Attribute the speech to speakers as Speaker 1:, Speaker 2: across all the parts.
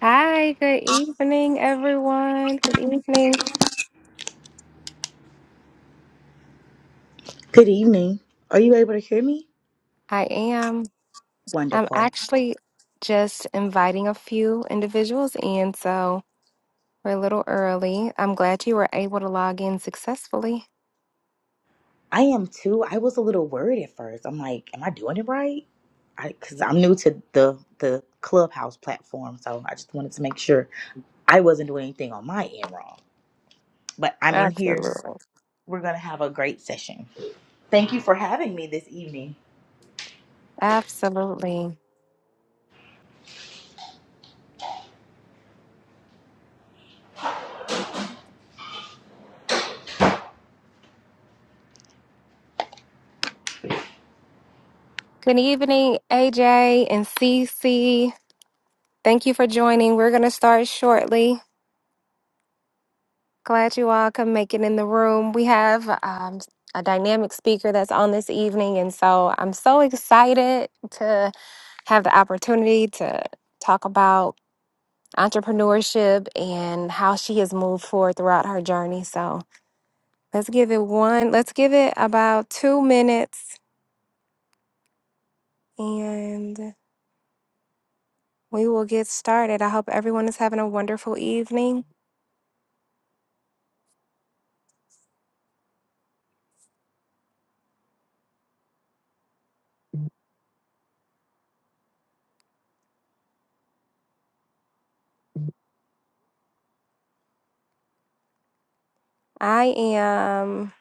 Speaker 1: Hi, good evening, everyone. Good evening.
Speaker 2: Good evening. Are you able to hear me?
Speaker 1: I am. I'm
Speaker 2: Wonderful.
Speaker 1: actually just inviting a few individuals in, so we're a little early. I'm glad you were able to log in successfully.
Speaker 2: I am too. I was a little worried at first. I'm like, am I doing it right? I Because I'm new to the the Clubhouse platform, so I just wanted to make sure I wasn't doing anything on my end wrong. But I'm in here.
Speaker 1: Absolutely.
Speaker 2: We're gonna have a great session. Thank you for having me this evening.
Speaker 1: Absolutely. Good evening, AJ and CC. Thank you for joining. We're going to start shortly. Glad you all can make it in the room. We have um, a dynamic speaker that's on this evening, and so I'm so excited to. have the opportunity to talk about entrepreneurship and how she has moved forward throughout her journey. So let's give it one, let's give it about two minutes and we will get started. I hope everyone is having a wonderful evening. I am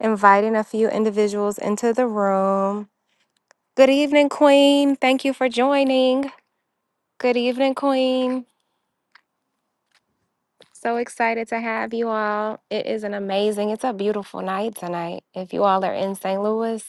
Speaker 1: inviting a few individuals into the room. Good evening, Queen. Thank you for joining. Good evening, Queen. So excited to have you all. It is an amazing, it's a beautiful night tonight. If you all are in St. Louis,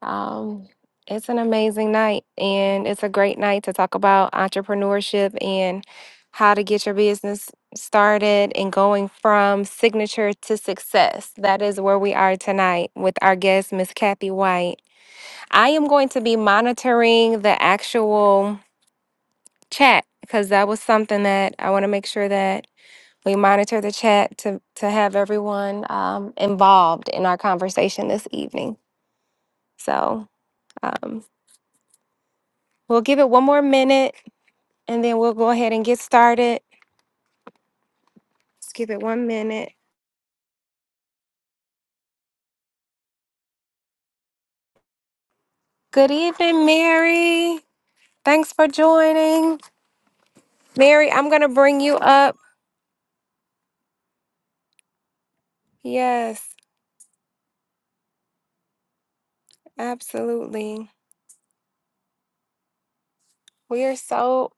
Speaker 1: um, it's an amazing night and it's a great night to talk about entrepreneurship and how to get your business started and going from signature to success. That is where we are tonight with our guest, Miss Kathy White. I am going to be monitoring the actual chat because that was something that I want to make sure that we monitor the chat to, to have everyone um, involved in our conversation this evening. So um, we'll give it one more minute and then we'll go ahead and get started. Let's give it one minute. Good evening, Mary. Thanks for joining. Mary, I'm going to bring you up. Yes, absolutely. We are so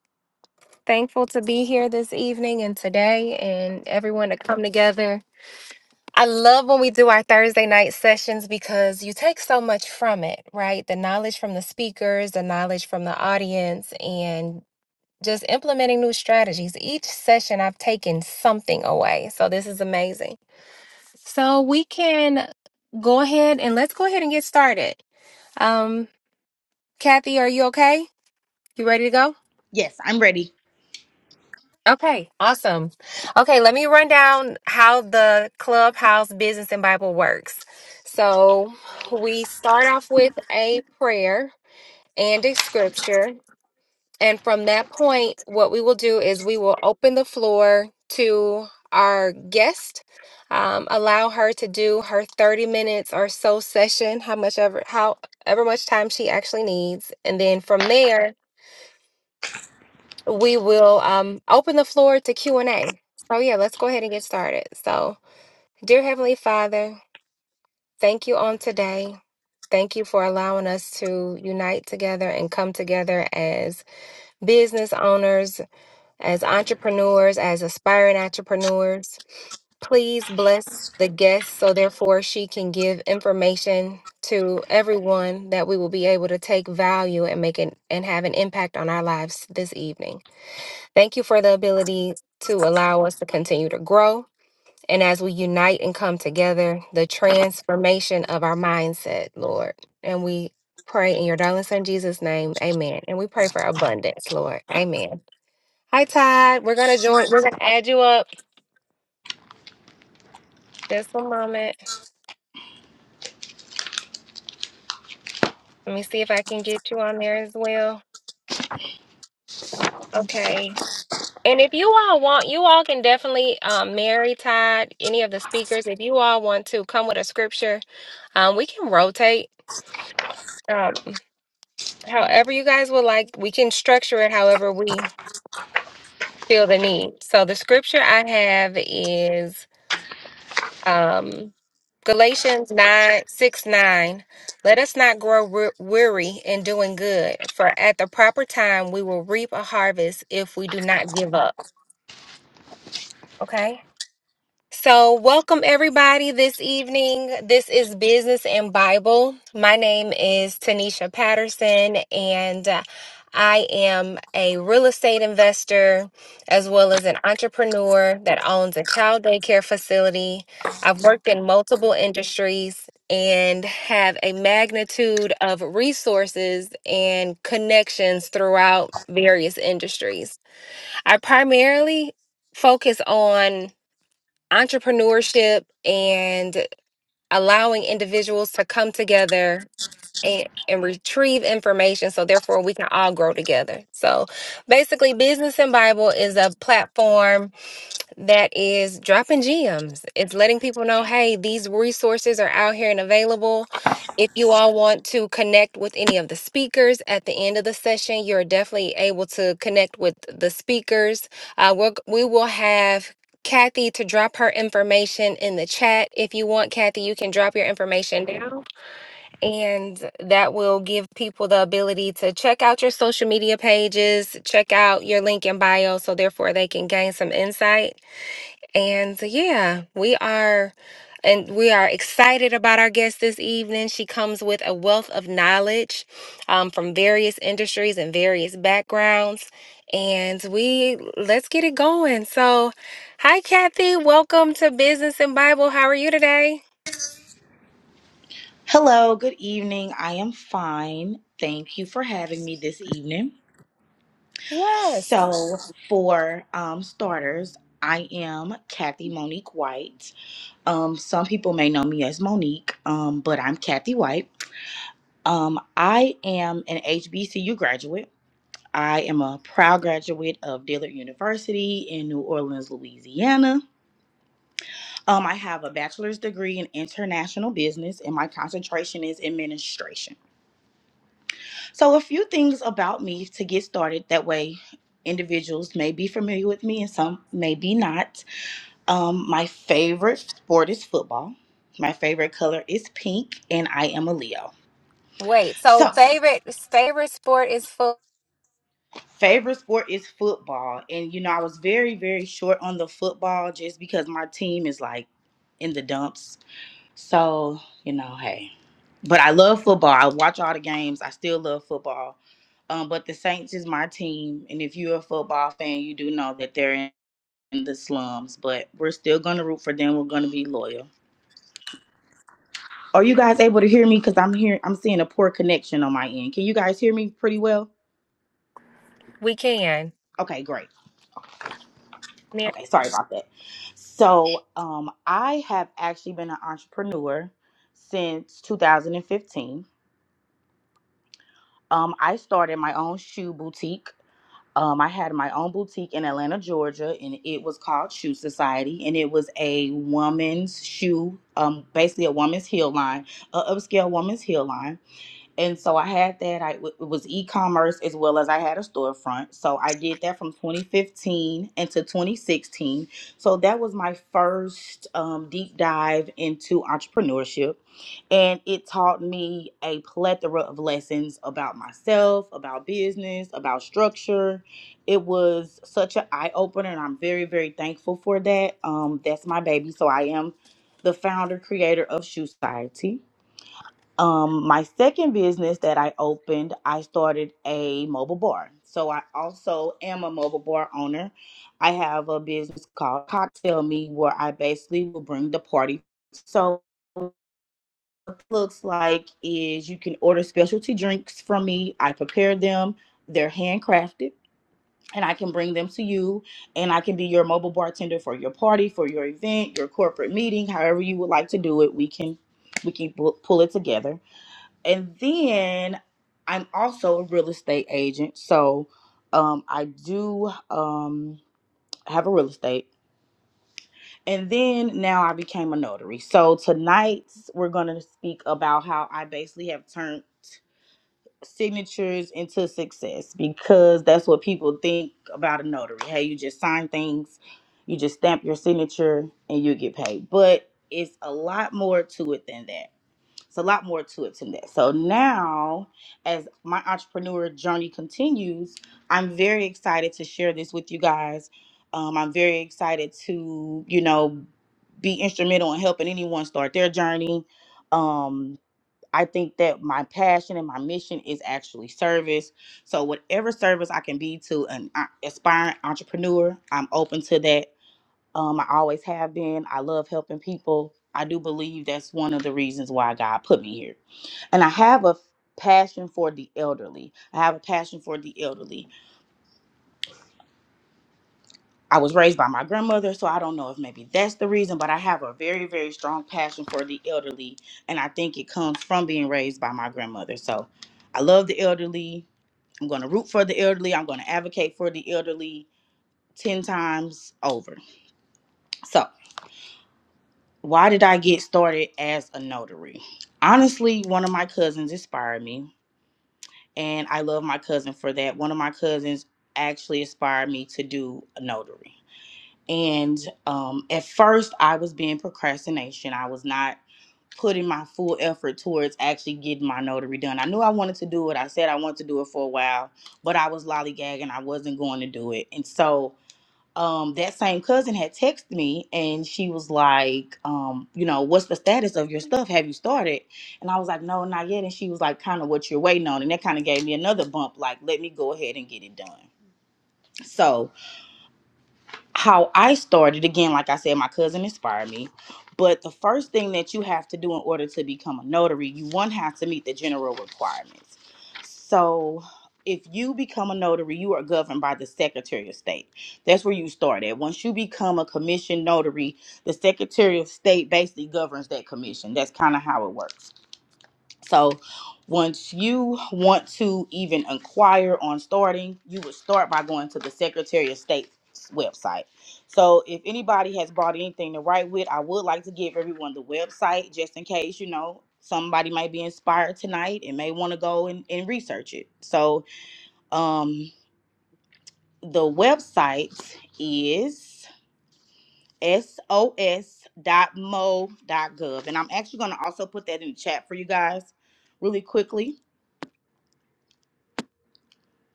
Speaker 1: thankful to be here this evening and today and everyone to come together I love when we do our Thursday night sessions because you take so much from it, right? The knowledge from the speakers, the knowledge from the audience, and just implementing new strategies. Each session, I've taken something away. So this is amazing. So we can go ahead and let's go ahead and get started. Um, Kathy, are you okay? You ready to go?
Speaker 2: Yes, I'm ready.
Speaker 1: Okay, awesome. Okay, let me run down how the clubhouse business and Bible works. So we start off with a prayer and a scripture. And from that point, what we will do is we will open the floor to our guest, um, allow her to do her 30 minutes or so session, how much ever, however much time she actually needs. And then from there, we will um, open the floor to q&a so yeah let's go ahead and get started so dear heavenly father thank you on today thank you for allowing us to unite together and come together as business owners as entrepreneurs as aspiring entrepreneurs please bless the guest so therefore she can give information to everyone that we will be able to take value and make it and have an impact on our lives this evening Thank you for the ability to allow us to continue to grow. And as we unite and come together, the transformation of our mindset, Lord. And we pray in your darling son Jesus' name, amen. And we pray for abundance, Lord. Amen. Hi, Todd. We're going to join, we're going to add you up. Just a moment. Let me see if I can get you on there as well. Okay. And if you all want, you all can definitely um, marry Todd, any of the speakers. If you all want to come with a scripture, um, we can rotate uh, However, you guys would like, we can structure it however we feel the need. So the scripture I have is um, Galatians 9 6 9. Let us not grow we- weary in doing good, for at the proper time we will reap a harvest if we do not give up. Okay? So, welcome everybody this evening. This is Business and Bible. My name is Tanisha Patterson, and uh, I am a real estate investor as well as an entrepreneur that owns a child daycare facility. I've worked in multiple industries and have a magnitude of resources and connections throughout various industries. I primarily focus on entrepreneurship and allowing individuals to come together and, and retrieve information so therefore we can all grow together so basically business and bible is a platform that is dropping gems. It's letting people know, hey, these resources are out here and available. If you all want to connect with any of the speakers at the end of the session, you're definitely able to connect with the speakers. Uh, we're, we will have Kathy to drop her information in the chat. If you want, Kathy, you can drop your information now. And that will give people the ability to check out your social media pages, check out your link in bio, so therefore they can gain some insight and uh, yeah, we are and we are excited about our guest this evening. She comes with a wealth of knowledge um, from various industries and various backgrounds. And we let's get it going. So, hi Kathy, welcome to Business and Bible. How are you today?
Speaker 2: Hello. Good evening. I am fine. Thank you for having me this evening. So, for um, starters, I am Kathy Monique White. Um, some people may know me as Monique, um, but I'm Kathy White. Um, I am an HBCU graduate. I am a proud graduate of Dillard University in New Orleans, Louisiana. Um, I have a bachelor's degree in international business, and my concentration is administration. So, a few things about me to get started. That way, individuals may be familiar with me, and some may be not. Um, my favorite sport is football. My favorite color is pink, and I am a Leo.
Speaker 1: Wait, so
Speaker 2: So,
Speaker 1: favorite favorite sport is football.
Speaker 2: favorite sport is football. And, you know, I was very, very short on the football just because my team is like in the dumps. So, you know, hey. But I love football. I watch all the games. I still love football. Um, but the Saints is my team. And if you're a football fan, you do know that they're in in the slums. But we're still going to root for them. We're going to be loyal. Are you guys able to hear me? Because I'm hearing, I'm seeing a poor connection on my end. Can you guys hear me pretty well?
Speaker 1: We can.
Speaker 2: Okay, great. Okay, sorry about that. So, um, I have actually been an entrepreneur since 2015. Um, I started my own shoe boutique. Um, I had my own boutique in Atlanta, Georgia, and it was called Shoe Society, and it was a woman's shoe, um, basically a woman's heel line, a upscale woman's heel line And so I had that. I it was e-commerce as well as I had a storefront. So I did that from 2015 into 2016. So that was my first um, deep dive into entrepreneurship, and it taught me a plethora of lessons about myself, about business, about structure. It was such an eye opener, and I'm very very thankful for that. Um, that's my baby. So I am the founder creator of Shoe Society um, my second business that I opened, I started a mobile bar. So I also am a mobile bar owner. I have a business called Cocktail Me, where I basically will bring the party. So what it looks like is you can order specialty drinks from me. I prepare them. They're handcrafted, and I can bring them to you. And I can be your mobile bartender for your party, for your event, your corporate meeting, however you would like to do it. We can we can pu- pull it together and then I'm also a real estate agent, so um, I do um, have a real estate. And then now I became a notary. So tonight we're going to speak about how I basically have turned signatures into success because that's what people think about a notary. Hey, you just sign things, you just stamp your signature, and you get paid. But it's a lot more to it than that. It's a lot more to it than that. So now, as my entrepreneur journey continues, I'm very excited to share this with you guys. Um, I'm very excited to, you know, be instrumental in helping anyone start their journey. Um, I think that my passion and my mission is actually service. So whatever service I can be to an uh, aspiring entrepreneur, I'm open to that. Um, I always have been. I love helping people. I do believe that's one of the reasons why God put me here and I have a passion for the elderly. I have a passion for the elderly. I was raised by my grandmother, so I don't know if maybe that's the reason, but I have a very, very strong passion for the elderly. And I think it comes from being raised by my grandmother. So I love the elderly. I'm going to root for the elderly. I'm going to advocate for the elderly 10 times over. So, why did I get started as a notary? Honestly, one of my cousins inspired me and I love my cousin for that. One of my cousins actually inspired me to do a notary. And um, at first, I was being procrastination. I was not putting my full effort towards actually getting my notary done. I knew I wanted to do it. I said I wanted to do it for a while, but I was lollygagging. I wasn't going to do it. And so um that same cousin had texted me and she was like um you know what's the status of your stuff have you started and i was like no not yet and she was like kind of what you're waiting on and that kind of gave me another bump like let me go ahead and get it done so how I started again, like I said, my cousin inspired me. But the first thing that you have to do in order to become a notary, you one have to meet the general requirements. So if you become a notary, you are governed by the Secretary of State. That's where you start at. Once you become a commission notary, the Secretary of State basically governs that commission. That's kind of how it works. So once you want to even inquire on starting, you would start by going to the Secretary of State's website. So if anybody has brought anything to write with, I would like to give everyone the website just in case, you know, somebody might be inspired tonight and may want to go and, and research it. So um the website is sos.mo.gov. And I'm actually going to also put that in the chat for you guys really quickly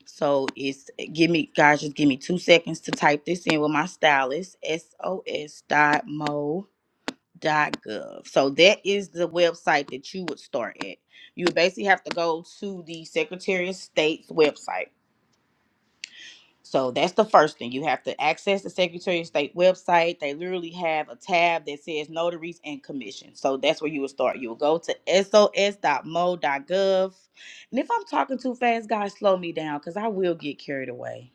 Speaker 2: So it's eh, give me guys, just give me two seconds to type this in with my stylist, S O S dot mo dot gov. So that is the website that you would start at. You would basically have to go to the Secretary of State's website so that's the first thing. You have to access the Secretary of State website. They literally have a tab that says notaries and commissions. So that's where you will start. You will go to sos.mo.gov. And if I'm talking too fast, guys, slow me down because I will get carried away.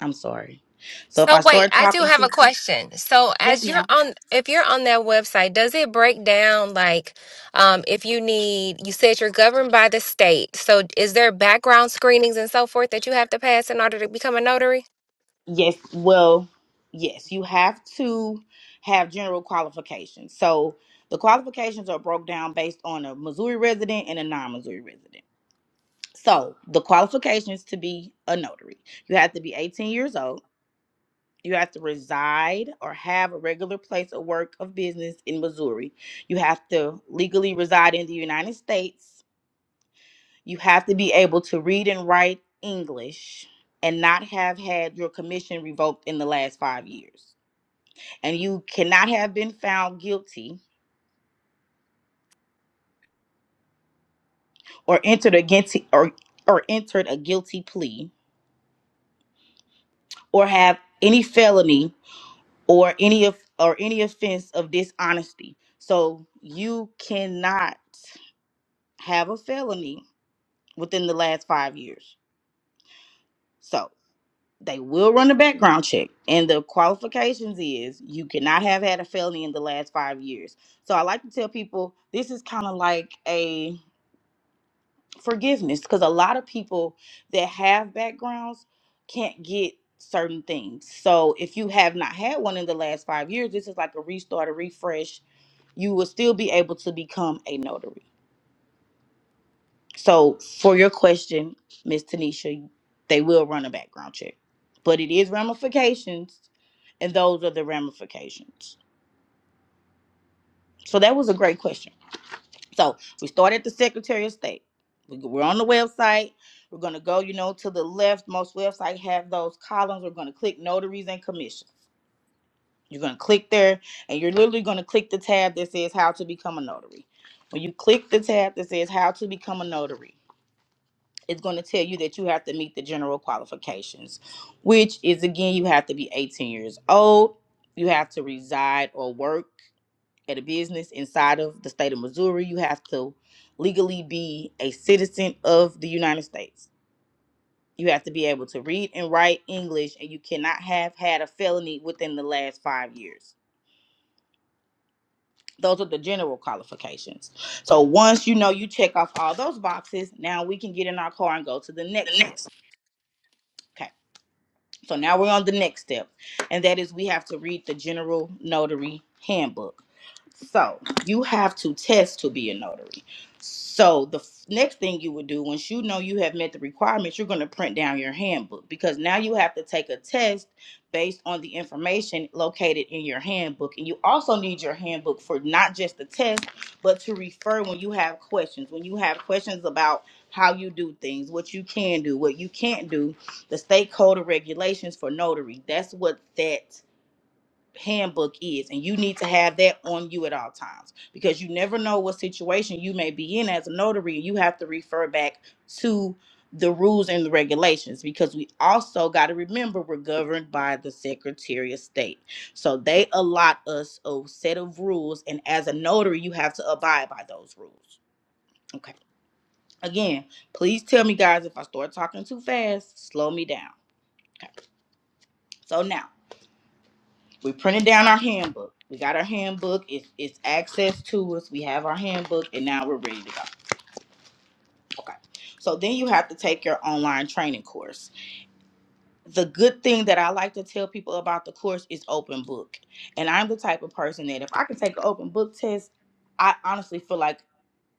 Speaker 2: I'm sorry. So if I
Speaker 1: So wait,
Speaker 2: start
Speaker 1: I do
Speaker 2: talking
Speaker 1: have
Speaker 2: too,
Speaker 1: a question. So
Speaker 2: yes,
Speaker 1: as you're
Speaker 2: ma'am.
Speaker 1: on, if you're on that website, does it break down like, um, if you need, you said you're governed by the state. So is there background screenings and so forth that you have to pass in order to become a notary?
Speaker 2: Yes, well, yes, you have to have general qualifications. So the qualifications are broke down based on a Missouri resident and a non-Missouri resident. So the qualifications to be a notary you have to be 18 years old. You have to reside or have a regular place of work of business in Missouri. You have to legally reside in the United States. You have to be able to read and write English and not have had your commission revoked in the last five years. And you cannot have been found guilty or entered a guilty or, or entered a guilty plea or have any felony or any of or any offense of dishonesty. So you cannot have a felony within the last five years. So they will run a background check, and the qualifications is you cannot have had a felony in the last five years. So I like to tell people this is kind of like a forgiveness because a lot of people that have backgrounds can't get certain things. So if you have not had one in the last five years, this is like a restart, a refresh. You will still be able to become a notary. So for your question, Miss Tanisha, they will run a background check, but it is ramifications, and those are the ramifications. So that was a great question. So we start at the Secretary of State. We, we're on the website. We're going to go, you know, to the left. Most websites have those columns. We're going to click notaries and commissions. You're going to click there and you're literally going to click the tab that says how to become a notary. When you click the tab that says how to become a notary, it's going to tell you that you have to meet the general qualifications, which is again, you have to be 18 years old. You have to reside or work at a business inside of the state of Missouri, you have to legally be a citizen of the United States. You have to be able to read and write English, and you cannot have had a felony within the last five years. Those are the general qualifications. So once you know you check off all those boxes, now we can get in our car and go to the next step. Okay. So now we're on the next step, and that is we have to read the general notary handbook. So you have to test to be a notary. So the f- next thing you would do, once you know you have met the requirements, you're going to print down your handbook because now you have to take a test based on the information located in your handbook. And you also need your handbook for not just the test, but to refer when you have questions. When you have questions about how you do things, what you can do, what you can't do, the state code of regulations for notary. That's what that handbook is and you need to have that on you at all times because you never know what situation you may be in as a notary and you have to refer back to the rules and the regulations because we also got to remember we're governed by the secretary of state so they allot us a set of rules and as a notary you have to abide by those rules okay again please tell me guys if i start talking too fast slow me down okay so now we printed down our handbook. We got our handbook. It's it's access to us. We have our handbook, and now we're ready to go. Okay. So then you have to take your online training course. The good thing that I like to tell people about the course is open book. And I'm the type of person that if I can take an open book test, I honestly feel like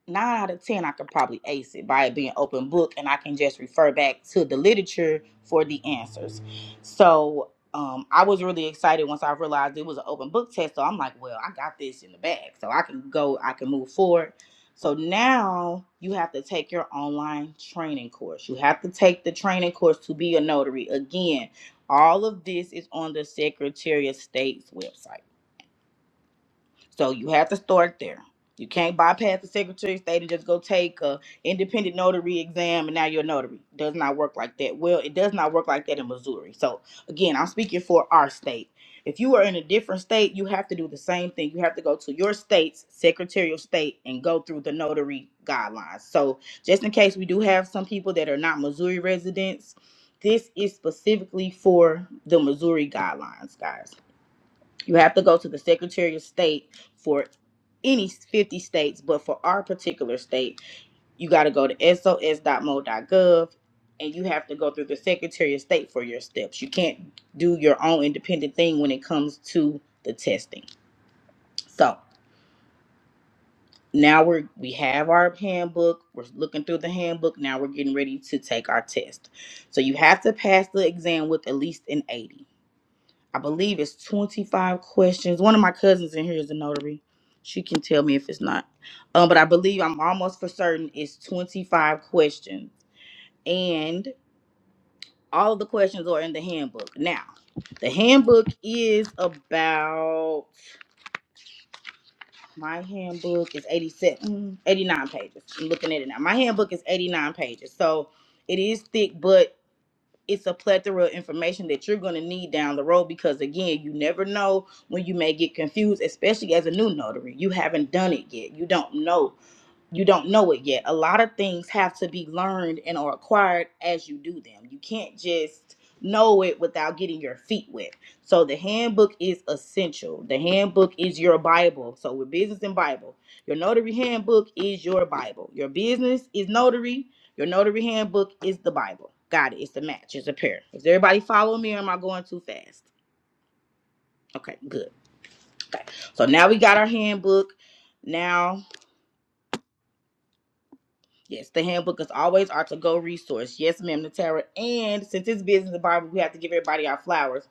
Speaker 2: nine out of ten I could probably ace it by it being open book and I can just refer back to the literature for the answers. So um, I was really excited once I realized it was an open book test. So I'm like, well, I got this in the bag. So I can go, I can move forward. So now you have to take your online training course. You have to take the training course to be a notary. Again, all of this is on the Secretary of State's website. So you have to start there. You can't bypass the Secretary of State and just go take a independent notary exam and now you're a notary. Does not work like that. Well, it does not work like that in Missouri. So again, I'm speaking for our state. If you are in a different state, you have to do the same thing. You have to go to your state's Secretary of State and go through the notary guidelines. So just in case we do have some people that are not Missouri residents, this is specifically for the Missouri guidelines, guys. You have to go to the Secretary of State for any 50 states, but for our particular state, you got to go to sos.mo.gov and you have to go through the Secretary of State for your steps. You can't do your own independent thing when it comes to the testing. So now we're we have our handbook. We're looking through the handbook. Now we're getting ready to take our test. So you have to pass the exam with at least an 80. I believe it's 25 questions. One of my cousins in here is a notary. She can tell me if it's not. Um, but I believe I'm almost for certain it's 25 questions. And all of the questions are in the handbook. Now, the handbook is about my handbook is 87, 89 pages. I'm looking at it now. My handbook is 89 pages. So it is thick, but it's a plethora of information that you're going to need down the road because again you never know when you may get confused especially as a new notary you haven't done it yet you don't know you don't know it yet. A lot of things have to be learned and or acquired as you do them. You can't just know it without getting your feet wet. So the handbook is essential. The handbook is your Bible. So with business and Bible, your notary handbook is your Bible. Your business is notary. Your notary handbook is the Bible. Got it. It's the match. It's a pair. Is everybody following me or am I going too fast? Okay, good. Okay. So now we got our handbook. Now Yes, the handbook is always our to-go resource. Yes, ma'am, Natara. And since it's business environment, we have to give everybody our flowers.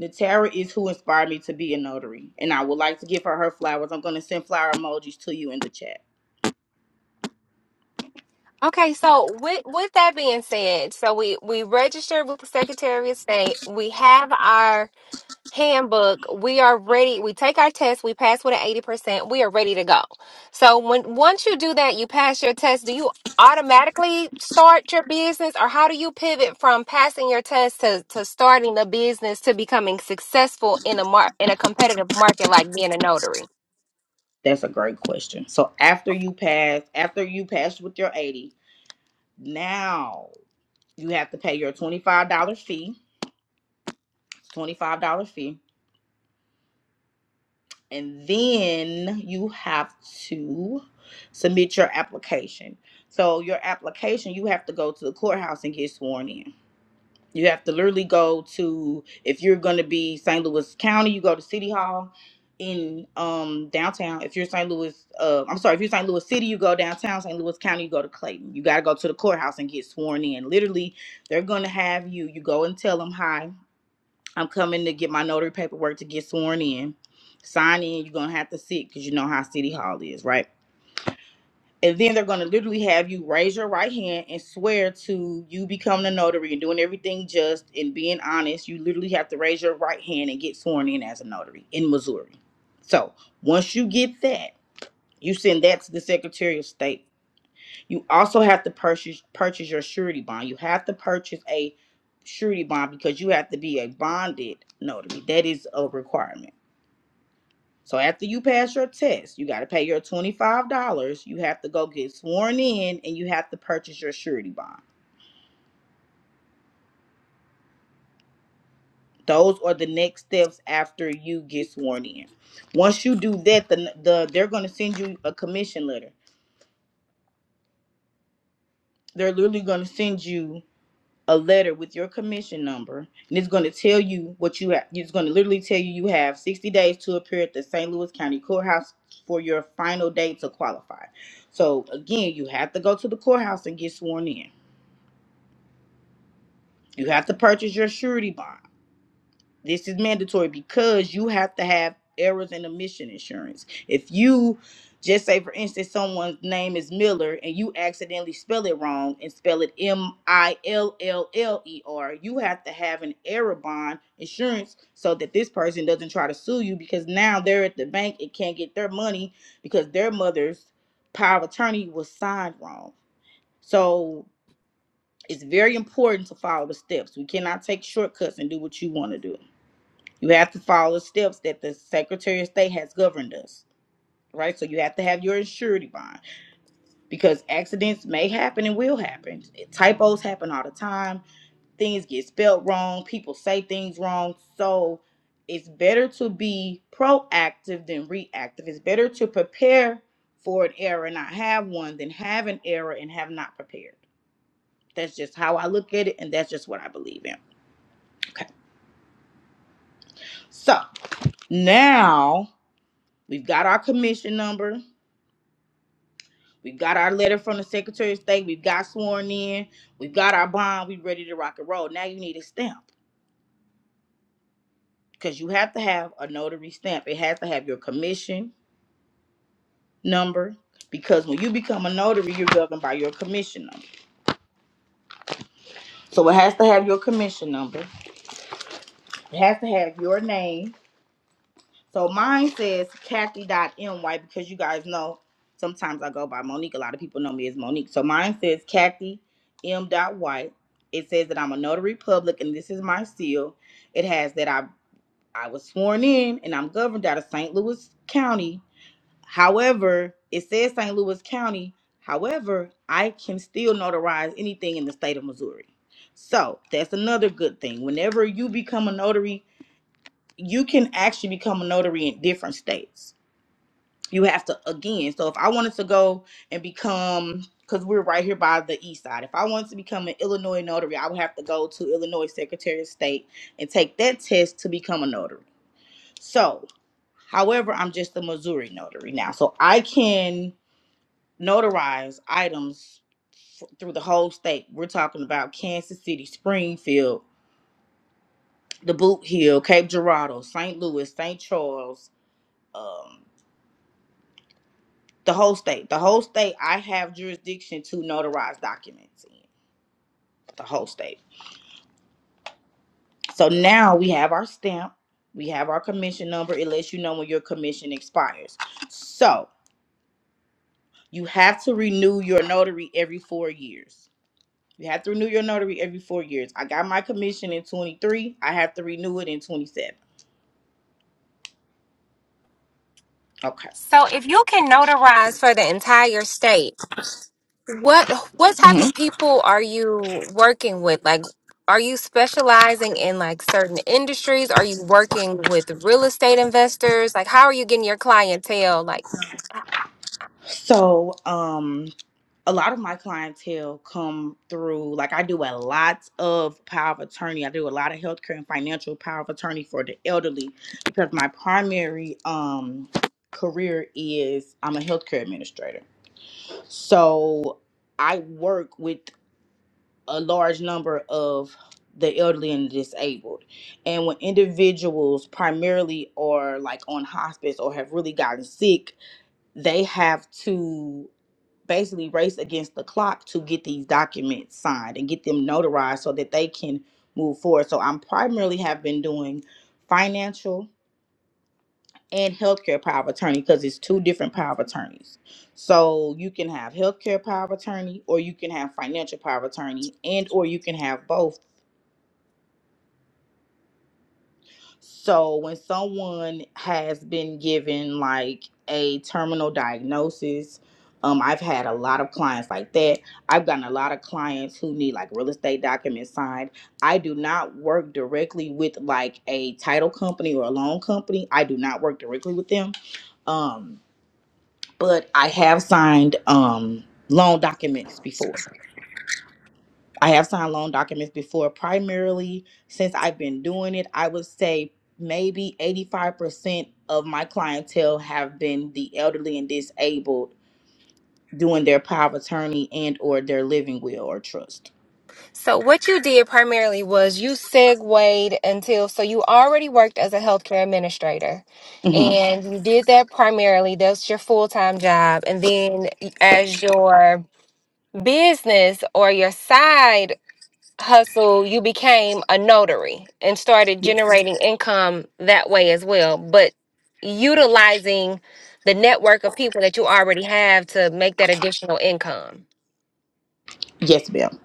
Speaker 2: Natara is who inspired me to be a notary, and I would like to give her her flowers. I'm going to send flower emojis to you in the chat.
Speaker 1: Okay, so with with that being said, so we we registered with the Secretary of State. We have our handbook. We are ready. We take our test. We pass with an eighty percent. We are ready to go. So when once you do that, you pass your test. Do you automatically start your business, or how do you pivot from passing your test to to starting a business to becoming successful in a mar in a competitive market like being a notary?
Speaker 2: That's a great question. So after you pass, after you pass with your 80, now you have to pay your $25 fee. It's $25 fee and then you have to submit your application. So your application, you have to go to the courthouse and get sworn in. You have to literally go to if you're going to be St. Louis County, you go to City Hall in um downtown. If you're St. Louis, uh, I'm sorry, if you're St. Louis City, you go downtown. St. Louis County, you go to Clayton. You got to go to the courthouse and get sworn in. Literally, they're going to have you. You go and tell them hi I'm coming to get my notary paperwork to get sworn in. Sign in, you're gonna have to sit because you know how City Hall is, right? And then they're gonna literally have you raise your right hand and swear to you becoming a notary and doing everything just and being honest. You literally have to raise your right hand and get sworn in as a notary in Missouri. So once you get that, you send that to the Secretary of State you also have to purchase purchase your surety bond. You have to purchase a surety bond because you have to be a bonded notary. That is a requirement. So after you pass your test, you got to pay your $25. You have to go get sworn in and you have to purchase your surety bond. Those are the next steps after you get sworn in. Once you do that, the, the they're going to send you a commission letter. They're literally going to send you a letter with your commission number, and it's going to tell you what you have. It's going to literally tell you you have 60 days to appear at the St. Louis County Courthouse for your final day to qualify. So again, you have to go to the courthouse and get sworn in. You have to purchase your surety bond. This is mandatory because you have to have errors and omission insurance. If you just say, for instance, someone's name is Miller and you accidentally spell it wrong and spell it M I L L L E R, you have to have an error bond insurance so that this person doesn't try to sue you because now they're at the bank and can't get their money because their mother's power of attorney was signed wrong. So it's very important to follow the steps. We cannot take shortcuts and do what you want to do. You have to follow the steps that the Secretary of State has governed us, right? So you have to have your surety bond because accidents may happen and will happen. Typos happen all the time. Things get spelled wrong. People say things wrong. So it's better to be proactive than reactive. It's better to prepare for an error and not have one than have an error and have not prepared. That's just how I look at it, and that's just what I believe in. Okay. So now we've got our commission number We got our letter from the Secretary of State. We've got sworn in. We've got our bond. We are ready to rock and roll. Now you need a stamp because you have to have a notary stamp. It has to have your commission number because when you become a notary, you're governed by your commission number. So it has to have your commission number. It has to have your name So mine says Kathy. Kathy.my because you guys know sometimes I go by Monique. A lot of people know me as Monique. So mine says Kathy M. dot White. It says that I'm a notary public and this is my seal. It has that I I was sworn in and I'm governed out of St. Louis County. However, it says St. Louis County. However, I can still notarize anything in the state of Missouri. So that's another good thing. Whenever you become a notary, you can actually become a notary in different states. You have to again. So if I wanted to go and become, because we're right here by the east side, if I wanted to become an Illinois notary, I would have to go to Illinois Secretary of State and take that test to become a notary. So, however, I'm just a Missouri notary now, so I can notarize items f- through the whole state. We're talking about Kansas City, Springfield, the Boot Hill, Cape Girardeau, St. Louis, St. Charles. um, The whole state. The whole state, I have jurisdiction to notarize documents in the whole state. So now we have our stamp, we have our commission number. It lets you know when your commission expires. So you have to renew your notary every four years. You have to renew your notary every four years. I got my commission in 23. I have to renew it in 27. Okay.
Speaker 1: So if you can notarize for the entire state, What what type of
Speaker 2: Mhm.
Speaker 1: people are you working with? Like, are you specializing in like certain industries? Are you working with real estate investors? Like, how are you getting your clientele? Like,
Speaker 2: So, um, a lot of my clientele come through like i do a lot of power of attorney i do a lot of healthcare and financial power of attorney for the elderly because my primary um career is i'm a healthcare administrator so i work with a large number of the elderly and disabled and when individuals primarily are like on hospice or have really gotten sick they have to basically race against the clock to get these documents signed and get them notarized so that they can move forward. So I'm primarily have been doing financial and healthcare power of attorney because it's two different power of attorneys. So you can have healthcare power of attorney or you can have financial power of attorney and or you can have both So when someone has been given like a terminal diagnosis, um, I've had a lot of clients like that. I've gotten a lot of clients who need like real estate documents signed. I do not work directly with like a title company or a loan company. I do not work directly with them. Um, but I have signed um loan documents before. I have signed loan documents before. Primarily, since I've been doing it, I would say maybe 85% of my clientele have been the elderly and disabled doing their power of attorney and or their living will or trust.
Speaker 1: so what you did primarily was you segued until so you already worked as a healthcare administrator,
Speaker 2: hmm
Speaker 1: and you did that primarily. That's your full time job, and then as your business or your side hustle, you became a notary and started generating income that way as well. But utilizing the network of people that you already have to make that additional income.
Speaker 2: Yes, ma'am.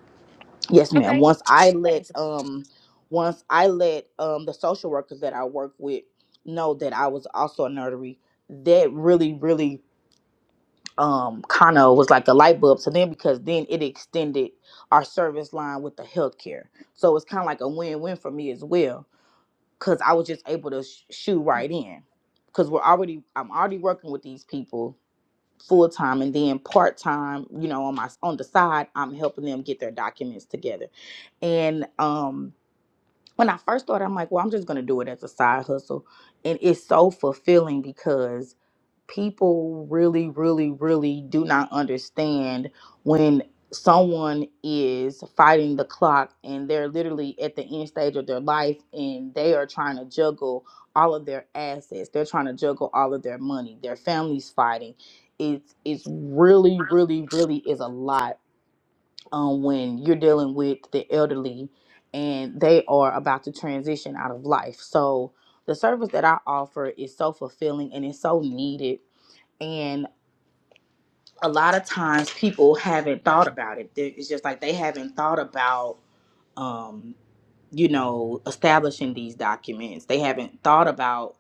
Speaker 2: Yes, ma'am.
Speaker 1: Okay,
Speaker 2: Once I let
Speaker 1: nice.
Speaker 2: um once I let um the social workers that I work with know that I was also a notary, that really, really um kind of was like a light bulb so then because then it extended our service line with the healthcare so it's kind of like a win-win for me as well because i was just able to sh- shoot right in because we're already i'm already working with these people full-time and then part-time you know on my on the side i'm helping them get their documents together and um when i first started i'm like well i'm just gonna do it as a side hustle and it's so fulfilling because people really, really, really do not understand when someone is fighting the clock and they're literally at the end stage of their life and they are trying to juggle all of their assets. They're trying to juggle all of their money. Their family's fighting. It's it's really, really, really is a lot um, when you're dealing with the elderly and they are about to transition out of life. So the service that I offer is so fulfilling and it's so needed and a lot of times people haven't thought about it They- it's just like they haven't thought about um you know establishing these documents they haven't thought about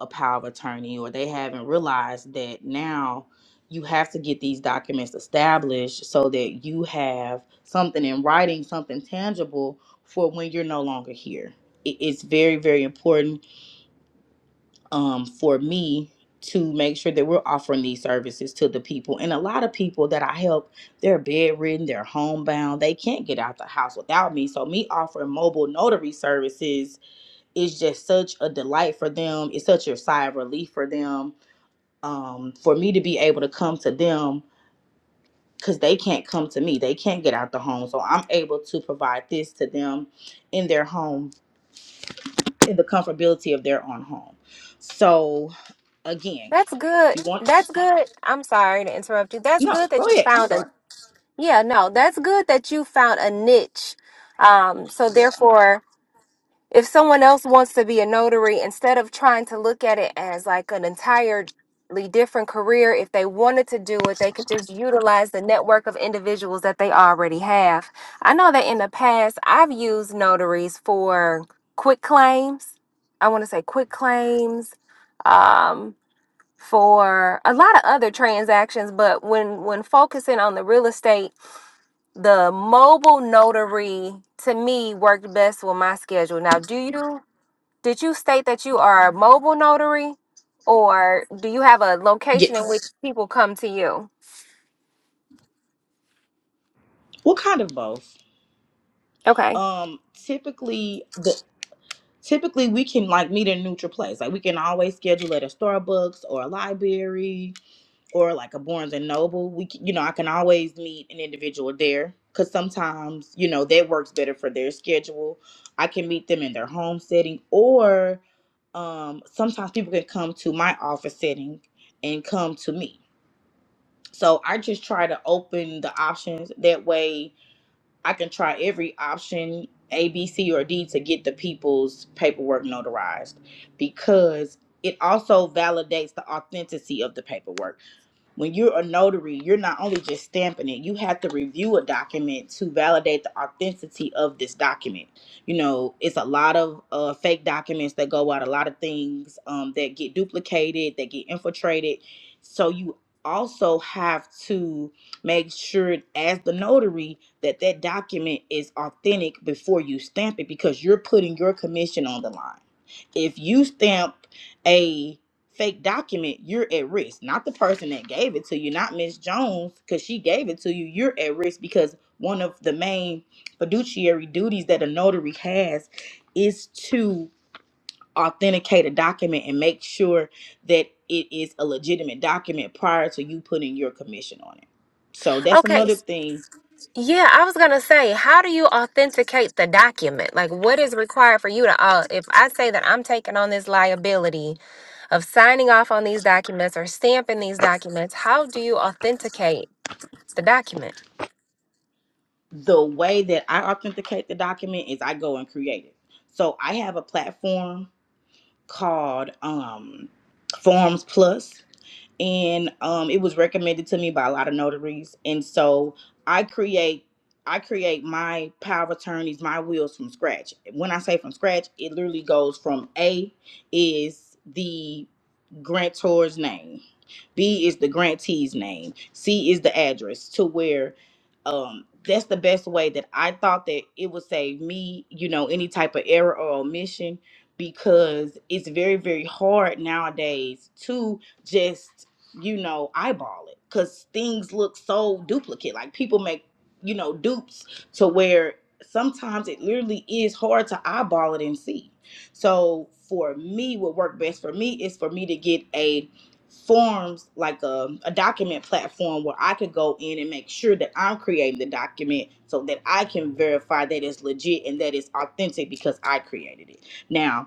Speaker 2: a power of attorney or they haven't realized that now you have to get these documents established so that you have something in writing something tangible for when you're no longer here It- it's very very important um, for me to make sure that we're offering these services to the people. And a lot of people that I help, they're bedridden, they're homebound, they can't get out the house without me. So, me offering mobile notary services is just such a delight for them. It's such a sigh of relief for them. Um, for me to be able to come to them because they can't come to me, they can't get out the home. So, I'm able to provide this to them in their home, in the comfortability of their own home. So, again,
Speaker 1: That's
Speaker 2: if
Speaker 1: good.
Speaker 2: you want.
Speaker 1: That's good. I'm sorry to interrupt you. That's
Speaker 2: No,
Speaker 1: good that
Speaker 2: go
Speaker 1: you
Speaker 2: ahead. I'm
Speaker 1: found a
Speaker 2: sorry.
Speaker 1: yeah, no, that's good that you found a niche. Um, so
Speaker 2: Yeah.
Speaker 1: therefore if someone else wants to be a notary, instead of trying to look at it as like an entirely different career, if they wanted to do it, they could just utilize the network of individuals that they already have. I know that in the past, I've used notaries for quick claims. I want to say quick claims um, for a lot of other transactions, but when when focusing on the real estate, the mobile notary to me worked best with my schedule. Now, do you? Did you state that you are a mobile notary or do you have a
Speaker 2: Yeah.
Speaker 1: location in which people come to you?
Speaker 2: Well, kind of both.
Speaker 1: Okay.
Speaker 2: Um, typically the typically we can like meet in a neutral place. Like we can always schedule at a Starbucks or a library or like a Barnes and Noble. We can, you know I can always meet an individual there because sometimes you know that works better for their schedule. I can meet them in their home setting or um sometimes people can come to my office setting and come to me. So I just try to open the options that way I can try every option A, B, C, or D to get the people's paperwork notarized because it also validates the authenticity of the paperwork when you're a notary, you're not only just stamping it, you have to review a document to validate the authenticity of this document. You know, it's a lot of uh, fake documents that go out, a lot of things um, that get duplicated, that get infiltrated. So you also have to make sure as the notary that that document is authentic before you stamp it because you're putting your commission on the line if you stamp a fake document, you're at risk. Not the person that gave it to you, not Miss Jones, because she gave it to you. You're at risk because one of the main fiduciary duties that a notary has is to authenticate a document and make sure that it is a legitimate document prior to you putting your commission on it. So that's
Speaker 1: Okay.
Speaker 2: another
Speaker 1: s-
Speaker 2: thing.
Speaker 1: Yeah, I was going to say, how do you authenticate the document? Like what is required for you to uh, if I say that I'm taking on this liability of signing off on these documents or stamping these documents, how do you authenticate the document?
Speaker 2: The way that I authenticate the document is I go and create it. So I have a platform called um, Forms Plus and um, it was recommended to me by a lot of notaries. And so I create I create my power of attorneys, my wills from scratch. When I say from scratch, it literally goes from A is the grantor's name, B is the grantee's name, C is the address to where um that's the best way that I thought that it would save me, you know, any type of error or omission because it's very very hard nowadays to just you know, eyeball it because things look so duplicate. Like people make, you know, dupes to where sometimes it literally is hard to eyeball it and see. So for me, what worked best for me is for me to get a forms like a, a document platform where I could go in and make sure that I'm creating the document so that I can verify that it's legit and that it's authentic because I created it. Now,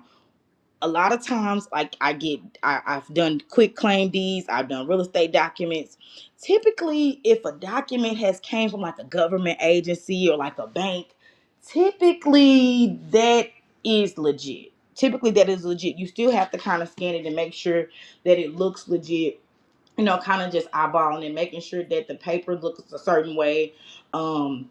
Speaker 2: a lot of times like i get I, i've done quick claim deeds i've done real estate documents typically if a document has came from like a government agency or like a bank typically that is legit typically that is legit you still have to kind of scan it and make sure that it looks legit you know, kind of just eyeballing and making sure that the paper looks a certain way, um,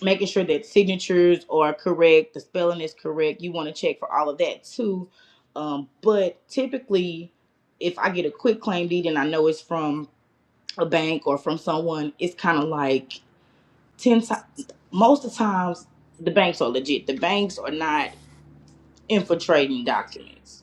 Speaker 2: making sure that signatures are correct, the spelling is correct. You want to check for all of that too. Um, but typically, if I get a quick claim deed and I know it's from a bank or from someone, it's kind of like 10 times, most of the times, the banks are legit. The banks are not infiltrating documents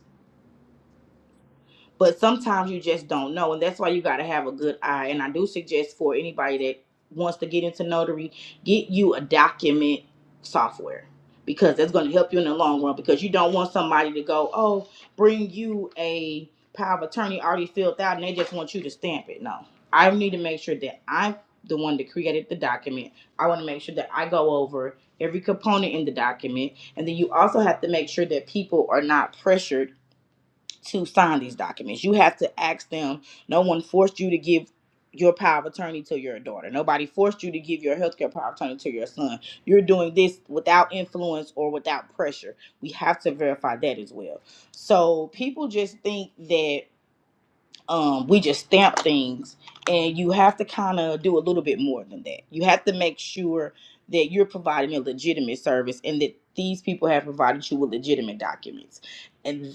Speaker 2: but sometimes you just don't know and that's why you got to have a good eye and i do suggest for anybody that wants to get into notary get you a document software because that's going to help you in the long run because you don't want somebody to go oh bring you a power of attorney already filled out and they just want you to stamp it no i need to make sure that i'm the one that created the document i want to make sure that i go over every component in the document and then you also have to make sure that people are not pressured to sign these documents. You have to ask them. No one forced you to give your power of attorney to your daughter. Nobody forced you to give your healthcare power of attorney to your son. You're doing this without influence or without pressure. We have to verify that as well. So people just think that um, we just stamp things, and you have to kind of do a little bit more than that. You have to make sure that you're providing a legitimate service and that these people have provided you with legitimate documents and.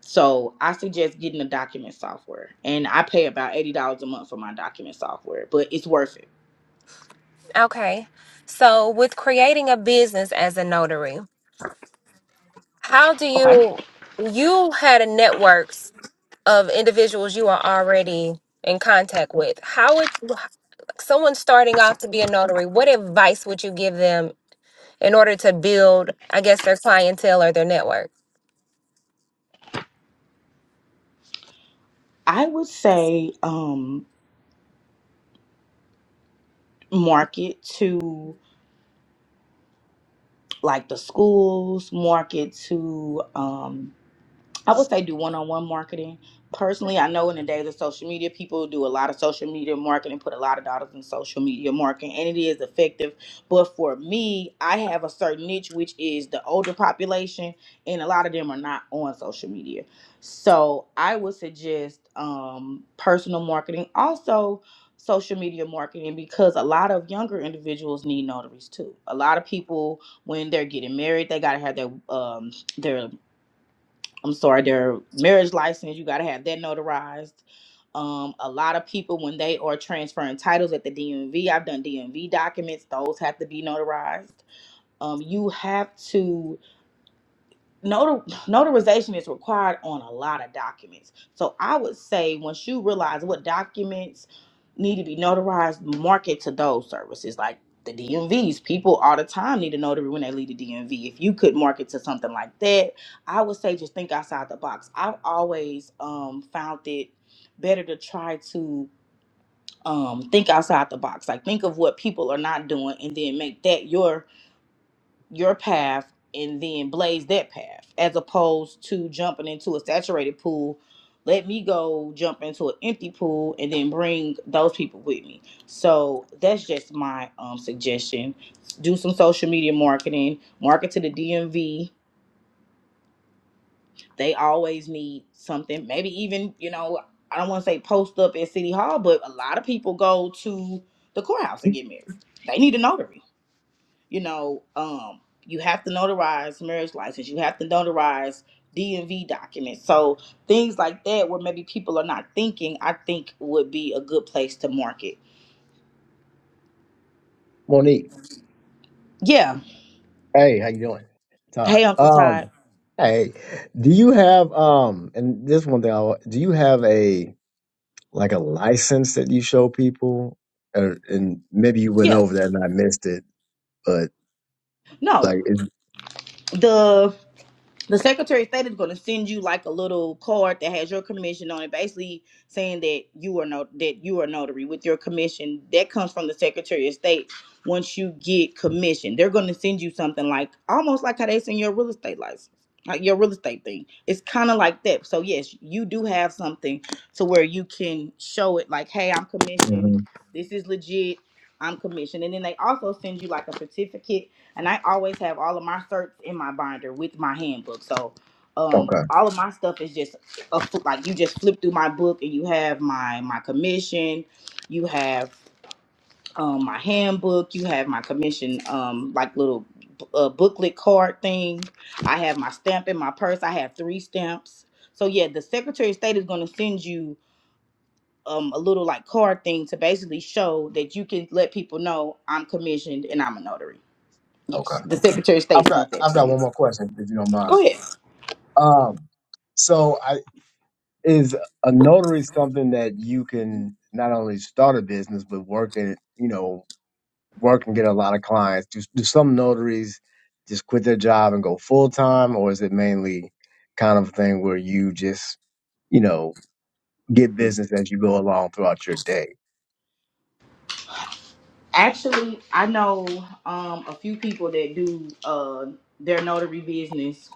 Speaker 2: So I suggest getting the document software. And I pay about $80 a month for my document software, but it's worth it.
Speaker 1: Okay. So, with creating a business as a notary, how do
Speaker 2: Okay.
Speaker 1: you you had a network of individuals you are already in contact with how would someone starting off to be a notary what advice would you give them in order to build i guess their clientele or their network
Speaker 2: I would say um market to like the schools, market to um, I would say do one on one marketing. Personally, I know in the days of social media, people do a lot of social media marketing, put a lot of dollars in social media marketing, and it is effective. But for me, I have a certain niche, which is the older population, and a lot of them are not on social media. So I would suggest um, personal marketing, also social media marketing, because a lot of younger individuals need notaries too. A lot of people, when they're getting married, they got to have their um, their I'm sorry, their marriage license, you got to have that notarized. Um, a lot of people, when they are transferring titles at the DMV, I've done DMV documents, those have to be notarized. Um, you have to notar- notarization is required on a lot of documents. So I would say once you realize what documents need to be notarized, market to those services like the DMVs. People all the time need a notary when they leave the DMV. If you could market to something like that, I would say just think outside the box. I've always um, found it better to try to um, think outside the box. Like think of what people are not doing and then make that your your path and then blaze that path as opposed to jumping into a saturated pool let me go jump into an empty pool and then bring those people with me so that's just my um, suggestion do some social media marketing market to the dmv they always need something maybe even you know i don't want to say post up at city hall but a lot of people go to the courthouse and get married they need a notary you know, um, you have to notarize marriage license, you have to notarize DMV documents. So things like that where maybe people are not thinking, I think would be a good place to market.
Speaker 3: Monique.
Speaker 2: Yeah.
Speaker 3: Hey, how you doing?
Speaker 2: Hey,
Speaker 3: Todd.
Speaker 2: Uncle Todd.
Speaker 3: Um, hey, do you have um and this one thing I wa- do you have a like a license that you show people? Or and maybe you went
Speaker 2: Yeah.
Speaker 3: over that and I missed it, but
Speaker 2: No.
Speaker 3: like it,
Speaker 2: the. the Secretary of State is going to send you like a little card that has your commission on it, basically saying that you are no that you are notary with your commission. That comes from the Secretary of State. Once you get commissioned, they're going to send you something like almost like how they send your real estate license, like your real estate thing. It's kind of like that. So yes, you do have something to where you can show it like, hey, I'm commissioned.
Speaker 3: Mhm.
Speaker 2: This is legit. I'm commissioned, and then they also send you like a certificate and I always have all of my certs in my binder with my handbook. So um
Speaker 3: okay,
Speaker 2: all of my stuff is just a, fl- like you just flip through my book and you have my my commission, you have um my handbook, you have my commission um like little uh, booklet card thing. I have my stamp in my purse. I have three stamps. So yeah, the Secretary of State is going to send you um a little like card thing to basically show that you can let people know I'm commissioned and I'm a notary. Yes,
Speaker 3: okay.
Speaker 2: the Secretary of State
Speaker 3: I've got
Speaker 2: sends that
Speaker 3: I've
Speaker 2: to
Speaker 3: got
Speaker 2: you.
Speaker 3: one more question if you don't
Speaker 2: Go
Speaker 3: mind.
Speaker 2: ahead.
Speaker 3: Um so I is a notary something that you can not only start a business but work in, you know, work and get a lot of clients? Do, do some notaries just quit their job and go full time, or is it mainly kind of thing where you just, you know, get business as you go along throughout your day?
Speaker 2: Actually, I know um, a few people that do uh, their notary business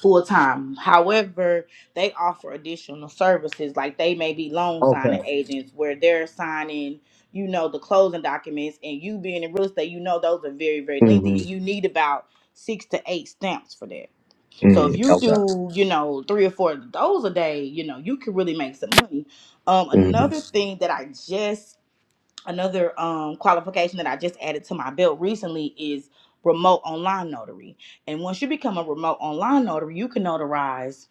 Speaker 2: full time. However, they offer additional services, like they may be loan
Speaker 3: Okay.
Speaker 2: signing agents, where they're signing, you know, the closing documents, and you being in real estate, you know, those are very, very
Speaker 3: hmm
Speaker 2: lengthy, and you need about six to eight stamps for that. So
Speaker 3: mm
Speaker 2: if you
Speaker 3: Okay.
Speaker 2: do, you know, three or four of those a day, you know, you can really make some money. Um,
Speaker 3: hmm
Speaker 2: another thing that I just another um, qualification that I just added to my belt recently is remote online notary. And once you become a remote online notary, you can notarize